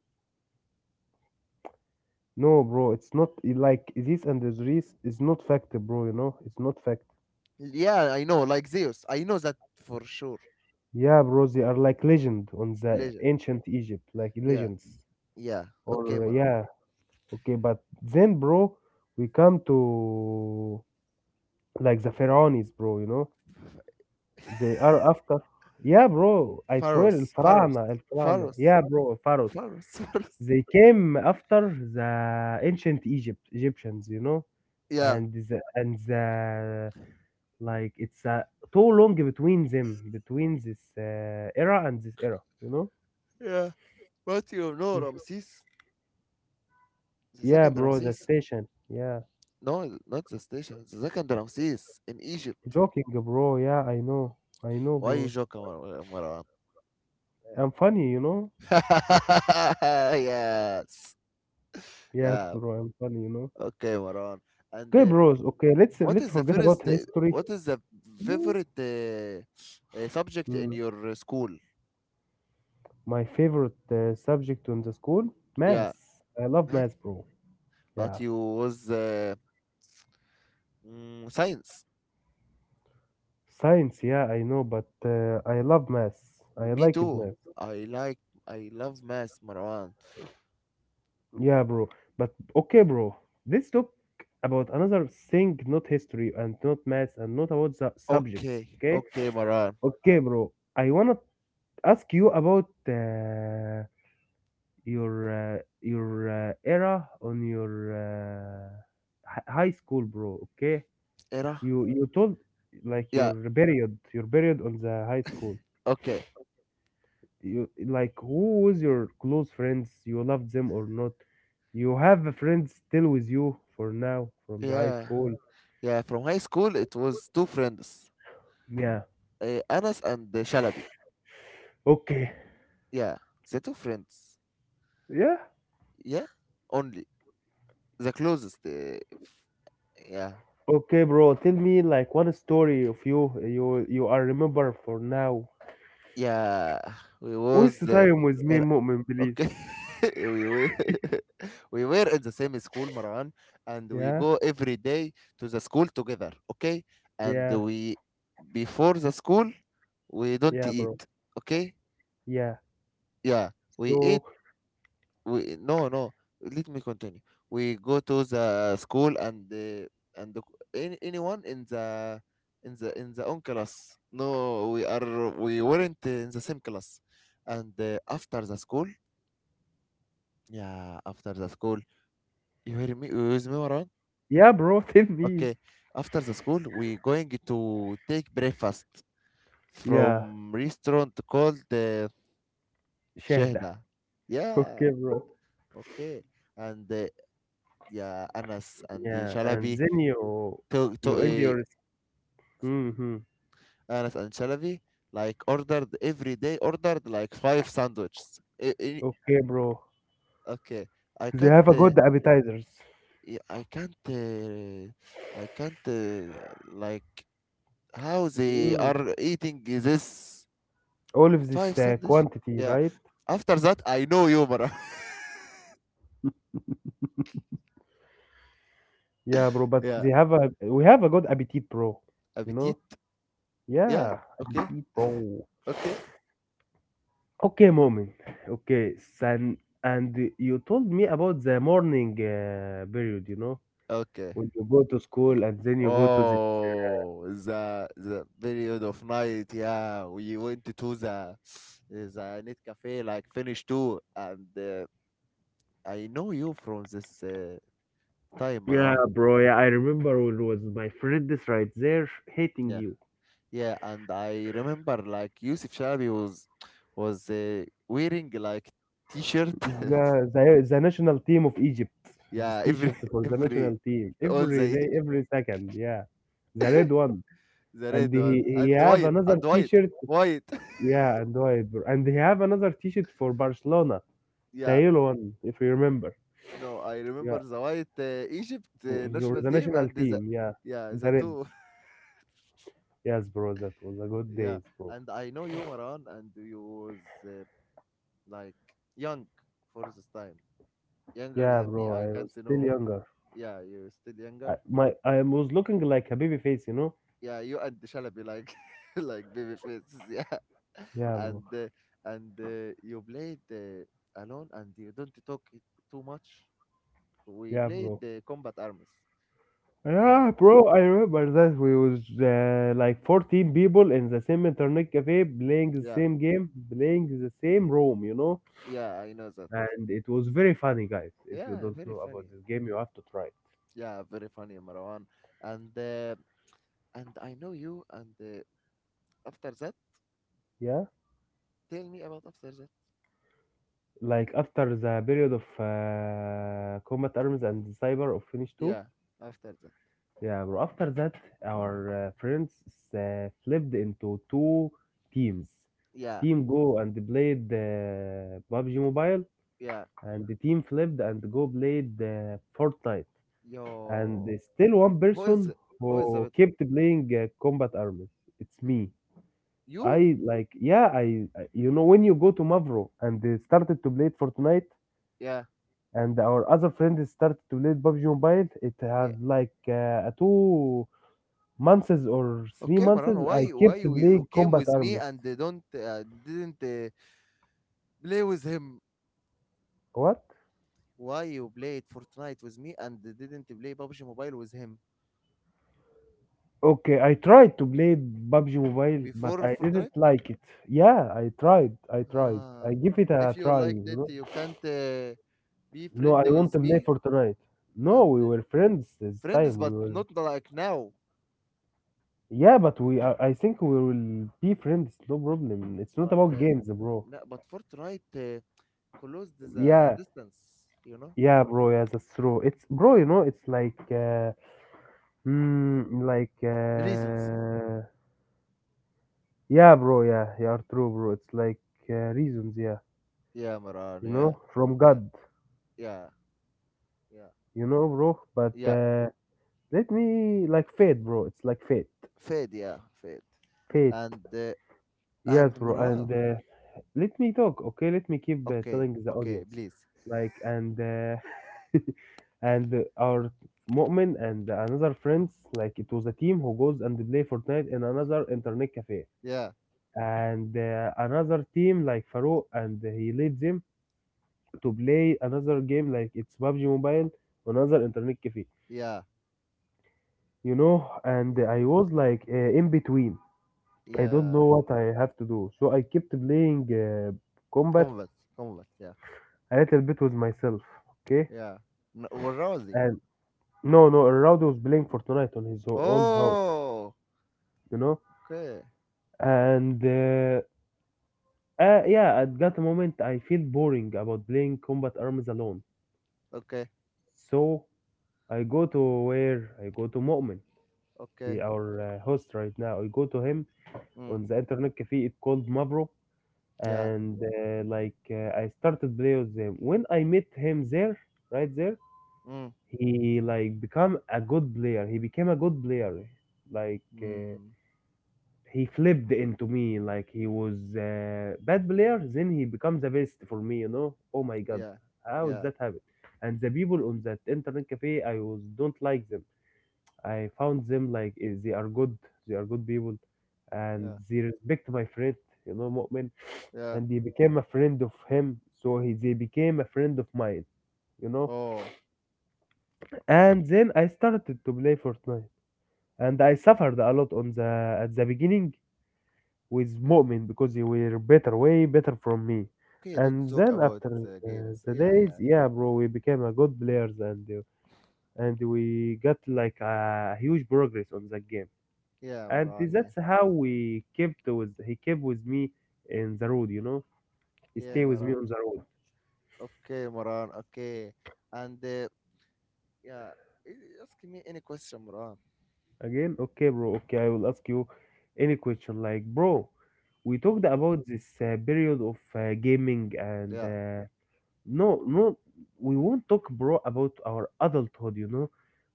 [SPEAKER 2] No, bro, it's not like this and this is not fact, bro, you know? It's not fact.
[SPEAKER 1] Yeah, I know, like Zeus. I know that for sure.
[SPEAKER 2] Yeah, bro, they are like legend on the
[SPEAKER 1] Legend.
[SPEAKER 2] ancient Egypt, like
[SPEAKER 1] Yeah,
[SPEAKER 2] legends.
[SPEAKER 1] yeah. Okay,
[SPEAKER 2] Or
[SPEAKER 1] Mara.
[SPEAKER 2] yeah, okay, but then, bro, we come to like the Pharaohs, bro, you know? They are after. Yeah, bro, I swear, El
[SPEAKER 1] Pharos, Pharos,
[SPEAKER 2] Farana, El Farana.
[SPEAKER 1] Pharos,
[SPEAKER 2] Yeah, bro, Pharaohs.
[SPEAKER 1] Pharos, Pharos.
[SPEAKER 2] They came after the ancient Egypt, Egyptians, you know?
[SPEAKER 1] Yeah,
[SPEAKER 2] And the like it's too long between them, between this era and this era, you know?
[SPEAKER 1] yeah. But you know
[SPEAKER 2] Yeah,
[SPEAKER 1] Ramses, the
[SPEAKER 2] yeah,
[SPEAKER 1] second
[SPEAKER 2] bro, the
[SPEAKER 1] Ramses.
[SPEAKER 2] station. Yeah.
[SPEAKER 1] No, not the station. The second Ramses in Egypt.
[SPEAKER 2] Joking, bro. Yeah, I know. I know,
[SPEAKER 1] Why you
[SPEAKER 2] bro.
[SPEAKER 1] joke, Marwan?
[SPEAKER 2] I'm funny, you know?
[SPEAKER 1] Yes.
[SPEAKER 2] Yes,
[SPEAKER 1] Yeah.
[SPEAKER 2] bro, I'm funny, you know?
[SPEAKER 1] Okay, Marwan. And
[SPEAKER 2] Okay, bros. Okay,
[SPEAKER 1] What
[SPEAKER 2] let's
[SPEAKER 1] is the
[SPEAKER 2] forget about
[SPEAKER 1] first
[SPEAKER 2] history.
[SPEAKER 1] what is the
[SPEAKER 2] Mm.
[SPEAKER 1] favorite subject in
[SPEAKER 2] Mm.
[SPEAKER 1] your school?
[SPEAKER 2] My favorite subject in the school,
[SPEAKER 1] Yeah,
[SPEAKER 2] math. I love
[SPEAKER 1] math.
[SPEAKER 2] math, bro.
[SPEAKER 1] But
[SPEAKER 2] Yeah.
[SPEAKER 1] you was science.
[SPEAKER 2] Science, yeah, I know, but I love math. I
[SPEAKER 1] Me
[SPEAKER 2] like it,
[SPEAKER 1] too.
[SPEAKER 2] math.
[SPEAKER 1] I like I love math, Marwan.
[SPEAKER 2] Yeah, bro. But okay, bro. Let's talk about another thing, not history and not maths and not about the subjects.
[SPEAKER 1] Okay,
[SPEAKER 2] Okay.
[SPEAKER 1] okay, Marwan.
[SPEAKER 2] Okay, bro. I wanna ask you about your era on your high school, bro. Okay.
[SPEAKER 1] Era?
[SPEAKER 2] You told like
[SPEAKER 1] Yeah,
[SPEAKER 2] your period on the high school.
[SPEAKER 1] okay.
[SPEAKER 2] You like who was your close friends, you loved them or not? You have a friend still with you for now from the high
[SPEAKER 1] Yeah,
[SPEAKER 2] school?
[SPEAKER 1] yeah. From high school, it was two friends,
[SPEAKER 2] Yeah,
[SPEAKER 1] Anas and Shalabi.
[SPEAKER 2] okay,
[SPEAKER 1] Yeah, the two friends.
[SPEAKER 2] yeah.
[SPEAKER 1] Yeah, only the closest. Yeah,
[SPEAKER 2] Okay, bro, tell me like one story of you, you are remember for now.
[SPEAKER 1] yeah. We
[SPEAKER 2] Waste the
[SPEAKER 1] was
[SPEAKER 2] time with me,
[SPEAKER 1] in.
[SPEAKER 2] Mu'min, please.
[SPEAKER 1] Okay. We were we were in the same school, Maran, and we
[SPEAKER 2] Yeah,
[SPEAKER 1] go every day to the school together, okay? And
[SPEAKER 2] yeah,
[SPEAKER 1] we before the school we don't
[SPEAKER 2] yeah,
[SPEAKER 1] eat,
[SPEAKER 2] bro.
[SPEAKER 1] okay?
[SPEAKER 2] Yeah.
[SPEAKER 1] Yeah, we eat
[SPEAKER 2] So
[SPEAKER 1] we no, let me continue. We go to the school and and the, anyone in the own class. No, we are we weren't in the same class. And after the school, yeah, after the school. You hear me? You with me, Marwan?
[SPEAKER 2] yeah, bro, tell me.
[SPEAKER 1] Okay. After the school, we going to take breakfast
[SPEAKER 2] Yeah.
[SPEAKER 1] from restaurant called
[SPEAKER 2] شهدة.
[SPEAKER 1] Shehda. Yeah.
[SPEAKER 2] Okay, bro.
[SPEAKER 1] Okay. And yeah, Anas and the
[SPEAKER 2] Yeah, and
[SPEAKER 1] Shalabi
[SPEAKER 2] then you you
[SPEAKER 1] to
[SPEAKER 2] end your mm-hmm.
[SPEAKER 1] Anas and Shalabi like ordered every day ordered like five sandwiches.
[SPEAKER 2] Okay, bro.
[SPEAKER 1] Okay. I
[SPEAKER 2] They
[SPEAKER 1] can't.
[SPEAKER 2] have a good appetizers.
[SPEAKER 1] I can't. I can't. Like how they
[SPEAKER 2] Mm.
[SPEAKER 1] are eating this.
[SPEAKER 2] All of this
[SPEAKER 1] Five sandwich.
[SPEAKER 2] quantity,
[SPEAKER 1] Yeah.
[SPEAKER 2] right?
[SPEAKER 1] After that, I know you, bro.
[SPEAKER 2] Yeah, bro. But
[SPEAKER 1] Yeah.
[SPEAKER 2] they have a, we have a good appetite, bro. You know?
[SPEAKER 1] Appetit. Yeah.
[SPEAKER 2] Yeah,
[SPEAKER 1] Okay.
[SPEAKER 2] appetite, bro.
[SPEAKER 1] Okay.
[SPEAKER 2] Okay, moment. Okay, son. And you told me about the morning period. You know,
[SPEAKER 1] Okay.
[SPEAKER 2] when you go to school and then you go to this.
[SPEAKER 1] Oh, the period of night. Yeah, we went to the net cafe like finish two, and I know you from this time,
[SPEAKER 2] Yeah,
[SPEAKER 1] Marwan.
[SPEAKER 2] bro. Yeah, I remember when was my friend is right there hating
[SPEAKER 1] Yeah.
[SPEAKER 2] you.
[SPEAKER 1] Yeah, and I remember like Yusuf Shalabi was wearing like t-shirt.
[SPEAKER 2] The national team of Egypt. This
[SPEAKER 1] Yeah, every
[SPEAKER 2] T-shirt for the
[SPEAKER 1] every
[SPEAKER 2] national team
[SPEAKER 1] all
[SPEAKER 2] every
[SPEAKER 1] the.
[SPEAKER 2] day, every second. Yeah, the red one.
[SPEAKER 1] The
[SPEAKER 2] And
[SPEAKER 1] red
[SPEAKER 2] he
[SPEAKER 1] one
[SPEAKER 2] he
[SPEAKER 1] and the
[SPEAKER 2] have
[SPEAKER 1] white
[SPEAKER 2] another
[SPEAKER 1] and white
[SPEAKER 2] T-shirt.
[SPEAKER 1] white.
[SPEAKER 2] Yeah, and white. And he have another T-shirt for Barcelona, the
[SPEAKER 1] Yeah,
[SPEAKER 2] yellow one, if you remember.
[SPEAKER 1] no, I remember
[SPEAKER 2] Yeah,
[SPEAKER 1] the white Egypt
[SPEAKER 2] for
[SPEAKER 1] national
[SPEAKER 2] the
[SPEAKER 1] team
[SPEAKER 2] national
[SPEAKER 1] and the
[SPEAKER 2] team. Yeah,
[SPEAKER 1] yeah
[SPEAKER 2] the
[SPEAKER 1] the
[SPEAKER 2] red.
[SPEAKER 1] two.
[SPEAKER 2] Yes, bro, that was a good
[SPEAKER 1] Yeah.
[SPEAKER 2] days, bro.
[SPEAKER 1] And I know you, Maran, and you was like young for this time, younger
[SPEAKER 2] Yeah,
[SPEAKER 1] than me.
[SPEAKER 2] bro,
[SPEAKER 1] I
[SPEAKER 2] I
[SPEAKER 1] can't
[SPEAKER 2] was still
[SPEAKER 1] know.
[SPEAKER 2] younger.
[SPEAKER 1] Yeah, you're still
[SPEAKER 2] I,
[SPEAKER 1] younger.
[SPEAKER 2] my I was looking like a baby face, you know.
[SPEAKER 1] Yeah, you and Shalabi like like baby faces. Yeah,
[SPEAKER 2] Yeah,
[SPEAKER 1] and
[SPEAKER 2] bro.
[SPEAKER 1] uh, and you played alone and you don't talk too much. We
[SPEAKER 2] Yeah,
[SPEAKER 1] played
[SPEAKER 2] bro.
[SPEAKER 1] the combat arms. Yeah,
[SPEAKER 2] Yeah, bro, I remember that we was like 14 people in the same internet cafe playing the
[SPEAKER 1] yeah,
[SPEAKER 2] same game, playing the same room, you know?
[SPEAKER 1] yeah, I know that.
[SPEAKER 2] And it was very funny, guys. If you
[SPEAKER 1] Yeah,
[SPEAKER 2] don't
[SPEAKER 1] very
[SPEAKER 2] know about
[SPEAKER 1] funny.
[SPEAKER 2] this game, you have to try it.
[SPEAKER 1] Yeah, very funny, Marwan. And uh, and I know you. And after that,
[SPEAKER 2] Yeah?
[SPEAKER 1] tell me about after that.
[SPEAKER 2] Like after the period of Combat Arms and Cyber of Finish 2,
[SPEAKER 1] Yeah, after that.
[SPEAKER 2] yeah, bro. After that, our friends flipped into two teams.
[SPEAKER 1] Yeah,
[SPEAKER 2] Team Go and played PUBG Mobile,
[SPEAKER 1] yeah.
[SPEAKER 2] and the team flipped and go played Fortnite. And
[SPEAKER 1] Yo,
[SPEAKER 2] there's still one
[SPEAKER 1] who is
[SPEAKER 2] person
[SPEAKER 1] the- who is the
[SPEAKER 2] who
[SPEAKER 1] bet?
[SPEAKER 2] kept playing Combat Arms. It's me.
[SPEAKER 1] You?
[SPEAKER 2] I like, yeah, you know, when you go to Mavro and they started to play Fortnite,
[SPEAKER 1] Yeah,
[SPEAKER 2] and our other friends started to play PUBG Mobile, it
[SPEAKER 1] yeah.
[SPEAKER 2] had like 2 months or three
[SPEAKER 1] Okay, Marwan.
[SPEAKER 2] months. I
[SPEAKER 1] Why
[SPEAKER 2] kept
[SPEAKER 1] you,
[SPEAKER 2] playing
[SPEAKER 1] you came
[SPEAKER 2] Combat
[SPEAKER 1] with me
[SPEAKER 2] Arms.
[SPEAKER 1] and they don't didn't play with him?
[SPEAKER 2] What?
[SPEAKER 1] Why you played Fortnite with me and didn't play PUBG Mobile with him
[SPEAKER 2] Okay, I tried to play PUBG Mobile, but
[SPEAKER 1] before
[SPEAKER 2] I didn't
[SPEAKER 1] Fortnite?
[SPEAKER 2] like it. Yeah, I tried. I tried. I
[SPEAKER 1] Ah,
[SPEAKER 2] give it a
[SPEAKER 1] if you
[SPEAKER 2] try,
[SPEAKER 1] like
[SPEAKER 2] you
[SPEAKER 1] that,
[SPEAKER 2] know.
[SPEAKER 1] you can't be
[SPEAKER 2] No, I
[SPEAKER 1] friendly
[SPEAKER 2] want
[SPEAKER 1] with
[SPEAKER 2] to play
[SPEAKER 1] me
[SPEAKER 2] Fortnite. No,
[SPEAKER 1] and
[SPEAKER 2] we were friends this
[SPEAKER 1] friends,
[SPEAKER 2] time. We
[SPEAKER 1] but
[SPEAKER 2] were.
[SPEAKER 1] not like now.
[SPEAKER 2] Yeah, but we, I think we will be friends, no problem. It's not
[SPEAKER 1] But
[SPEAKER 2] about games, bro.
[SPEAKER 1] no, but Fortnite uh, closed the
[SPEAKER 2] Yeah.
[SPEAKER 1] distance, you know,
[SPEAKER 2] Yeah, bro, yeah, that's true. It's bro, you know, it's like mm, like
[SPEAKER 1] reasons.
[SPEAKER 2] uh yeah, bro, yeah, you are true, bro. It's like reasons, yeah,
[SPEAKER 1] Yeah, Maran.
[SPEAKER 2] you know,
[SPEAKER 1] Yeah,
[SPEAKER 2] from
[SPEAKER 1] yeah,
[SPEAKER 2] God.
[SPEAKER 1] yeah, yeah,
[SPEAKER 2] You know, bro. But
[SPEAKER 1] yeah.
[SPEAKER 2] let me, like, fate, bro. It's like fate,
[SPEAKER 1] Fade. Yeah, fade.
[SPEAKER 2] fate.
[SPEAKER 1] And uh,
[SPEAKER 2] Yes,
[SPEAKER 1] and
[SPEAKER 2] bro. And
[SPEAKER 1] Maran.
[SPEAKER 2] let me talk, okay? Let me keep
[SPEAKER 1] Okay,
[SPEAKER 2] telling the
[SPEAKER 1] okay,
[SPEAKER 2] audience,
[SPEAKER 1] please.
[SPEAKER 2] like, and and our Mu'min and another friends, like, it was a team who goes and play Fortnite in another internet cafe,
[SPEAKER 1] Yeah,
[SPEAKER 2] and another team like Farouk, and he leads them to play another game like it's PUBG Mobile, another internet cafe,
[SPEAKER 1] yeah,
[SPEAKER 2] you know. And
[SPEAKER 1] yeah,
[SPEAKER 2] I was like in between. I don't
[SPEAKER 1] yeah.
[SPEAKER 2] know what I have to do. So I kept playing combat
[SPEAKER 1] Convert, convert. Yeah,
[SPEAKER 2] a little bit with myself, okay?
[SPEAKER 1] yeah. No, we're rosy.
[SPEAKER 2] And no, no, Rowdy was playing Fortnite on his own house,
[SPEAKER 1] Oh,
[SPEAKER 2] you know?
[SPEAKER 1] okay.
[SPEAKER 2] And yeah, at that moment I feel boring about playing combat arms alone.
[SPEAKER 1] Okay,
[SPEAKER 2] So I go to where? I go to Mu'min, he,
[SPEAKER 1] okay.
[SPEAKER 2] our host right now. I go to him
[SPEAKER 1] Mm,
[SPEAKER 2] on the internet cafe, it called Mavro.
[SPEAKER 1] yeah.
[SPEAKER 2] And I started play with him. When I met him there, right there,
[SPEAKER 1] Mm,
[SPEAKER 2] he like become a good player. He became a good player. Like
[SPEAKER 1] mm,
[SPEAKER 2] he flipped into me. Like he was a bad player, then he becomes the best for me. You know? Oh my God,
[SPEAKER 1] yeah,
[SPEAKER 2] how did
[SPEAKER 1] yeah,
[SPEAKER 2] that happen? And the people on that internet cafe, I was don't like them. I found them like eh, they are good. They are good people, and
[SPEAKER 1] yeah,
[SPEAKER 2] they respect my friend. You know, Mu'min,
[SPEAKER 1] yeah.
[SPEAKER 2] and he became a friend of him. So he, they became a friend of mine. You know,
[SPEAKER 1] Oh,
[SPEAKER 2] and then I started to play Fortnite. And I suffered a lot on the, at the beginning with Mu'min because they were better, way better from me.
[SPEAKER 1] okay. Don't
[SPEAKER 2] And
[SPEAKER 1] talk
[SPEAKER 2] then
[SPEAKER 1] about
[SPEAKER 2] after
[SPEAKER 1] games.
[SPEAKER 2] the
[SPEAKER 1] Yeah,
[SPEAKER 2] days,
[SPEAKER 1] yeah,
[SPEAKER 2] yeah, bro, we became a good players and we got like a huge progress on that game.
[SPEAKER 1] yeah,
[SPEAKER 2] And
[SPEAKER 1] Maran. Yeah,
[SPEAKER 2] that's how we kept with, he kept with me in the road, you know. He
[SPEAKER 1] yeah,
[SPEAKER 2] stay with me
[SPEAKER 1] Maran.
[SPEAKER 2] on the road.
[SPEAKER 1] Okay, Maran. Okay, and yeah, ask me any question, Maran.
[SPEAKER 2] Again, okay, bro. Okay, I will ask you any question. Like, bro, we talked
[SPEAKER 1] Mm,
[SPEAKER 2] about this period of gaming and
[SPEAKER 1] yeah,
[SPEAKER 2] no, no, we won't talk, bro, about our adulthood, you know.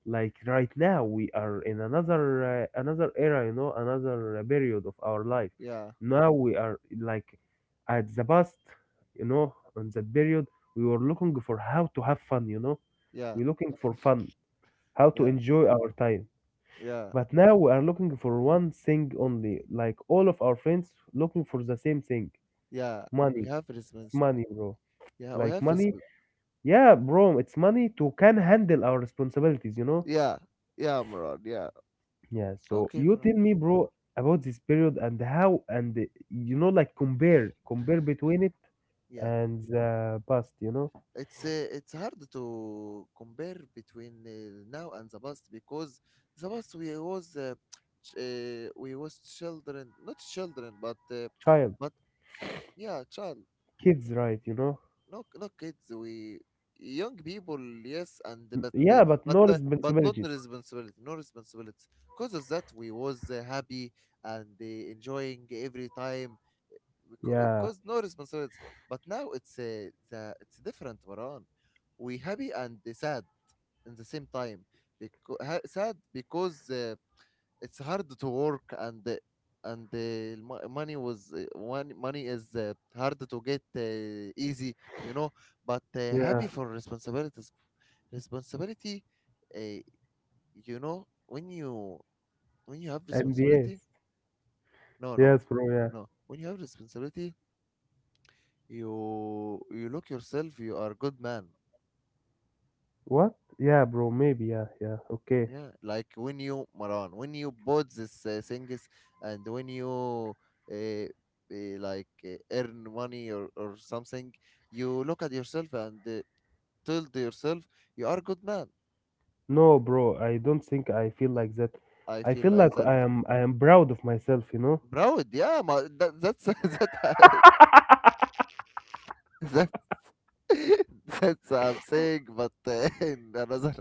[SPEAKER 2] Like right now, we are in another another era, you know, another period of our life.
[SPEAKER 1] yeah,
[SPEAKER 2] Now we are like at the past, you know, on that period, we were looking for how to have fun, you know.
[SPEAKER 1] yeah,
[SPEAKER 2] We're looking for fun, how to
[SPEAKER 1] yeah,
[SPEAKER 2] enjoy our time.
[SPEAKER 1] yeah,
[SPEAKER 2] But now we are looking for one thing only, like all of our friends looking for the same thing,
[SPEAKER 1] yeah. We
[SPEAKER 2] money.
[SPEAKER 1] have
[SPEAKER 2] It's
[SPEAKER 1] response.
[SPEAKER 2] money, bro.
[SPEAKER 1] Yeah, we
[SPEAKER 2] Like
[SPEAKER 1] have
[SPEAKER 2] money,
[SPEAKER 1] response.
[SPEAKER 2] yeah, bro, it's money to can handle our responsibilities, you know?
[SPEAKER 1] Yeah, yeah, Maran. Yeah.
[SPEAKER 2] Yeah, so
[SPEAKER 1] Okay,
[SPEAKER 2] you
[SPEAKER 1] Maran.
[SPEAKER 2] tell me, bro, about this period and how, and you know, like compare between it
[SPEAKER 1] Yeah.
[SPEAKER 2] and the past, you know?
[SPEAKER 1] It's it's hard to compare between now and the past, because the past we was we was children, not children,
[SPEAKER 2] Child,
[SPEAKER 1] but yeah child.
[SPEAKER 2] kids, right, you know?
[SPEAKER 1] No no kids, we young people. Yes, and
[SPEAKER 2] Yeah, but no
[SPEAKER 1] but not
[SPEAKER 2] responsibilities.
[SPEAKER 1] responsibility, no responsibility. Because of that we was happy and enjoying every time,
[SPEAKER 2] Yeah,
[SPEAKER 1] because no responsibilities. But now it's the it's different, Maran. We happy and sad in the same time. Because sad because it's hard to work and the money was one money is hard to get easy, you know. But
[SPEAKER 2] yeah,
[SPEAKER 1] happy for responsibilities, responsibility. Uh, you know when you have
[SPEAKER 2] and
[SPEAKER 1] responsibility.
[SPEAKER 2] yes,
[SPEAKER 1] No, no,
[SPEAKER 2] yes, bro, yeah.
[SPEAKER 1] no. When you have responsibility, you look yourself. You are good man.
[SPEAKER 2] What? Yeah, bro, maybe, yeah, yeah, okay.
[SPEAKER 1] Yeah, like when you Maran, when you bought this things, and when you uh, uh, like earn money or something, you look at yourself and tell to yourself, you are a good man.
[SPEAKER 2] No, bro, I don't think I feel like that.
[SPEAKER 1] I
[SPEAKER 2] I
[SPEAKER 1] feel
[SPEAKER 2] feel
[SPEAKER 1] like
[SPEAKER 2] like
[SPEAKER 1] that
[SPEAKER 2] I am proud of myself, you know?
[SPEAKER 1] proud. Yeah, ma, that that's that that that's I'm saying, but in another,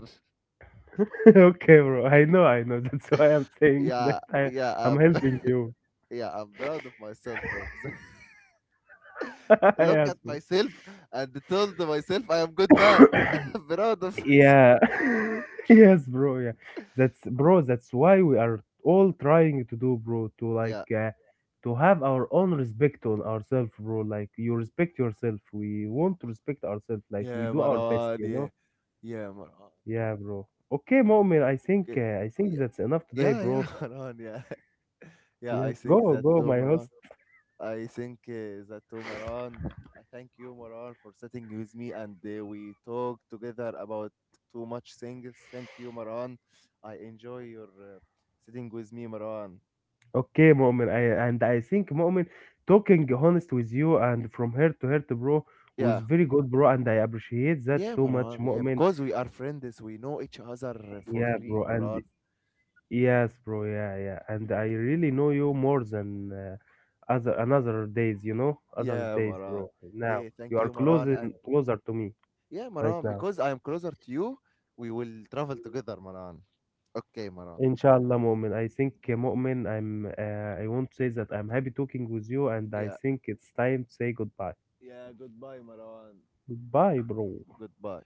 [SPEAKER 2] Okay, bro. I know, I know. That's why I'm saying that
[SPEAKER 1] yeah, yeah,
[SPEAKER 2] I'm
[SPEAKER 1] I'm,
[SPEAKER 2] helping you.
[SPEAKER 1] yeah, I'm proud of myself of look
[SPEAKER 2] Yes,
[SPEAKER 1] at
[SPEAKER 2] bro.
[SPEAKER 1] myself and told myself I am good man. Proud of myself.
[SPEAKER 2] Yeah. Yes, bro. Yeah. That's bro. That's why we are all trying to do, bro. To like,
[SPEAKER 1] Yeah.
[SPEAKER 2] to have our own respect on ourselves, bro. Like you respect yourself. We want to respect ourselves. Like we
[SPEAKER 1] Yeah,
[SPEAKER 2] do our best,
[SPEAKER 1] Maran.
[SPEAKER 2] you
[SPEAKER 1] Yeah.
[SPEAKER 2] know.
[SPEAKER 1] Yeah, Maran.
[SPEAKER 2] Yeah, bro. Okay, moment.
[SPEAKER 1] Okay.
[SPEAKER 2] I think
[SPEAKER 1] Yeah,
[SPEAKER 2] that's enough today,
[SPEAKER 1] yeah, yeah,
[SPEAKER 2] bro.
[SPEAKER 1] Maran. Yeah. Yeah, I
[SPEAKER 2] Yes,
[SPEAKER 1] think
[SPEAKER 2] go,
[SPEAKER 1] that
[SPEAKER 2] go,
[SPEAKER 1] too,
[SPEAKER 2] my
[SPEAKER 1] Maran.
[SPEAKER 2] host.
[SPEAKER 1] I think that too, Maran. I thank you, Maran, for sitting with me and we talk together about too much things. Thank you, Maran. I enjoy your sitting with me, Maran.
[SPEAKER 2] Okay, Mu'min, I, and I think Mu'min talking honest with you and from heart to heart, bro, was
[SPEAKER 1] Yeah.
[SPEAKER 2] very good, bro, and I appreciate that
[SPEAKER 1] Yeah,
[SPEAKER 2] too much,
[SPEAKER 1] Maran. Yeah,
[SPEAKER 2] Mu'min.
[SPEAKER 1] because we are friends. We know each other for
[SPEAKER 2] Yeah, bro,
[SPEAKER 1] real,
[SPEAKER 2] and
[SPEAKER 1] Maran.
[SPEAKER 2] yes, bro, yeah, yeah, and I really know you more than other, another days, you know, other
[SPEAKER 1] Yeah,
[SPEAKER 2] days,
[SPEAKER 1] Maran.
[SPEAKER 2] bro. Now
[SPEAKER 1] Yeah,
[SPEAKER 2] you
[SPEAKER 1] thank
[SPEAKER 2] are
[SPEAKER 1] you, Maran. And
[SPEAKER 2] closer to me
[SPEAKER 1] yeah,
[SPEAKER 2] right
[SPEAKER 1] Maran,
[SPEAKER 2] now.
[SPEAKER 1] because I am closer to you, we will travel together, Maran. Okay, Maran.
[SPEAKER 2] Inshallah, Mu'min. I think, Mu'min, I want to say that I'm happy talking with you, and I
[SPEAKER 1] Yeah,
[SPEAKER 2] think it's time to say goodbye.
[SPEAKER 1] yeah, goodbye, Maran.
[SPEAKER 2] Goodbye, bro.
[SPEAKER 1] Goodbye.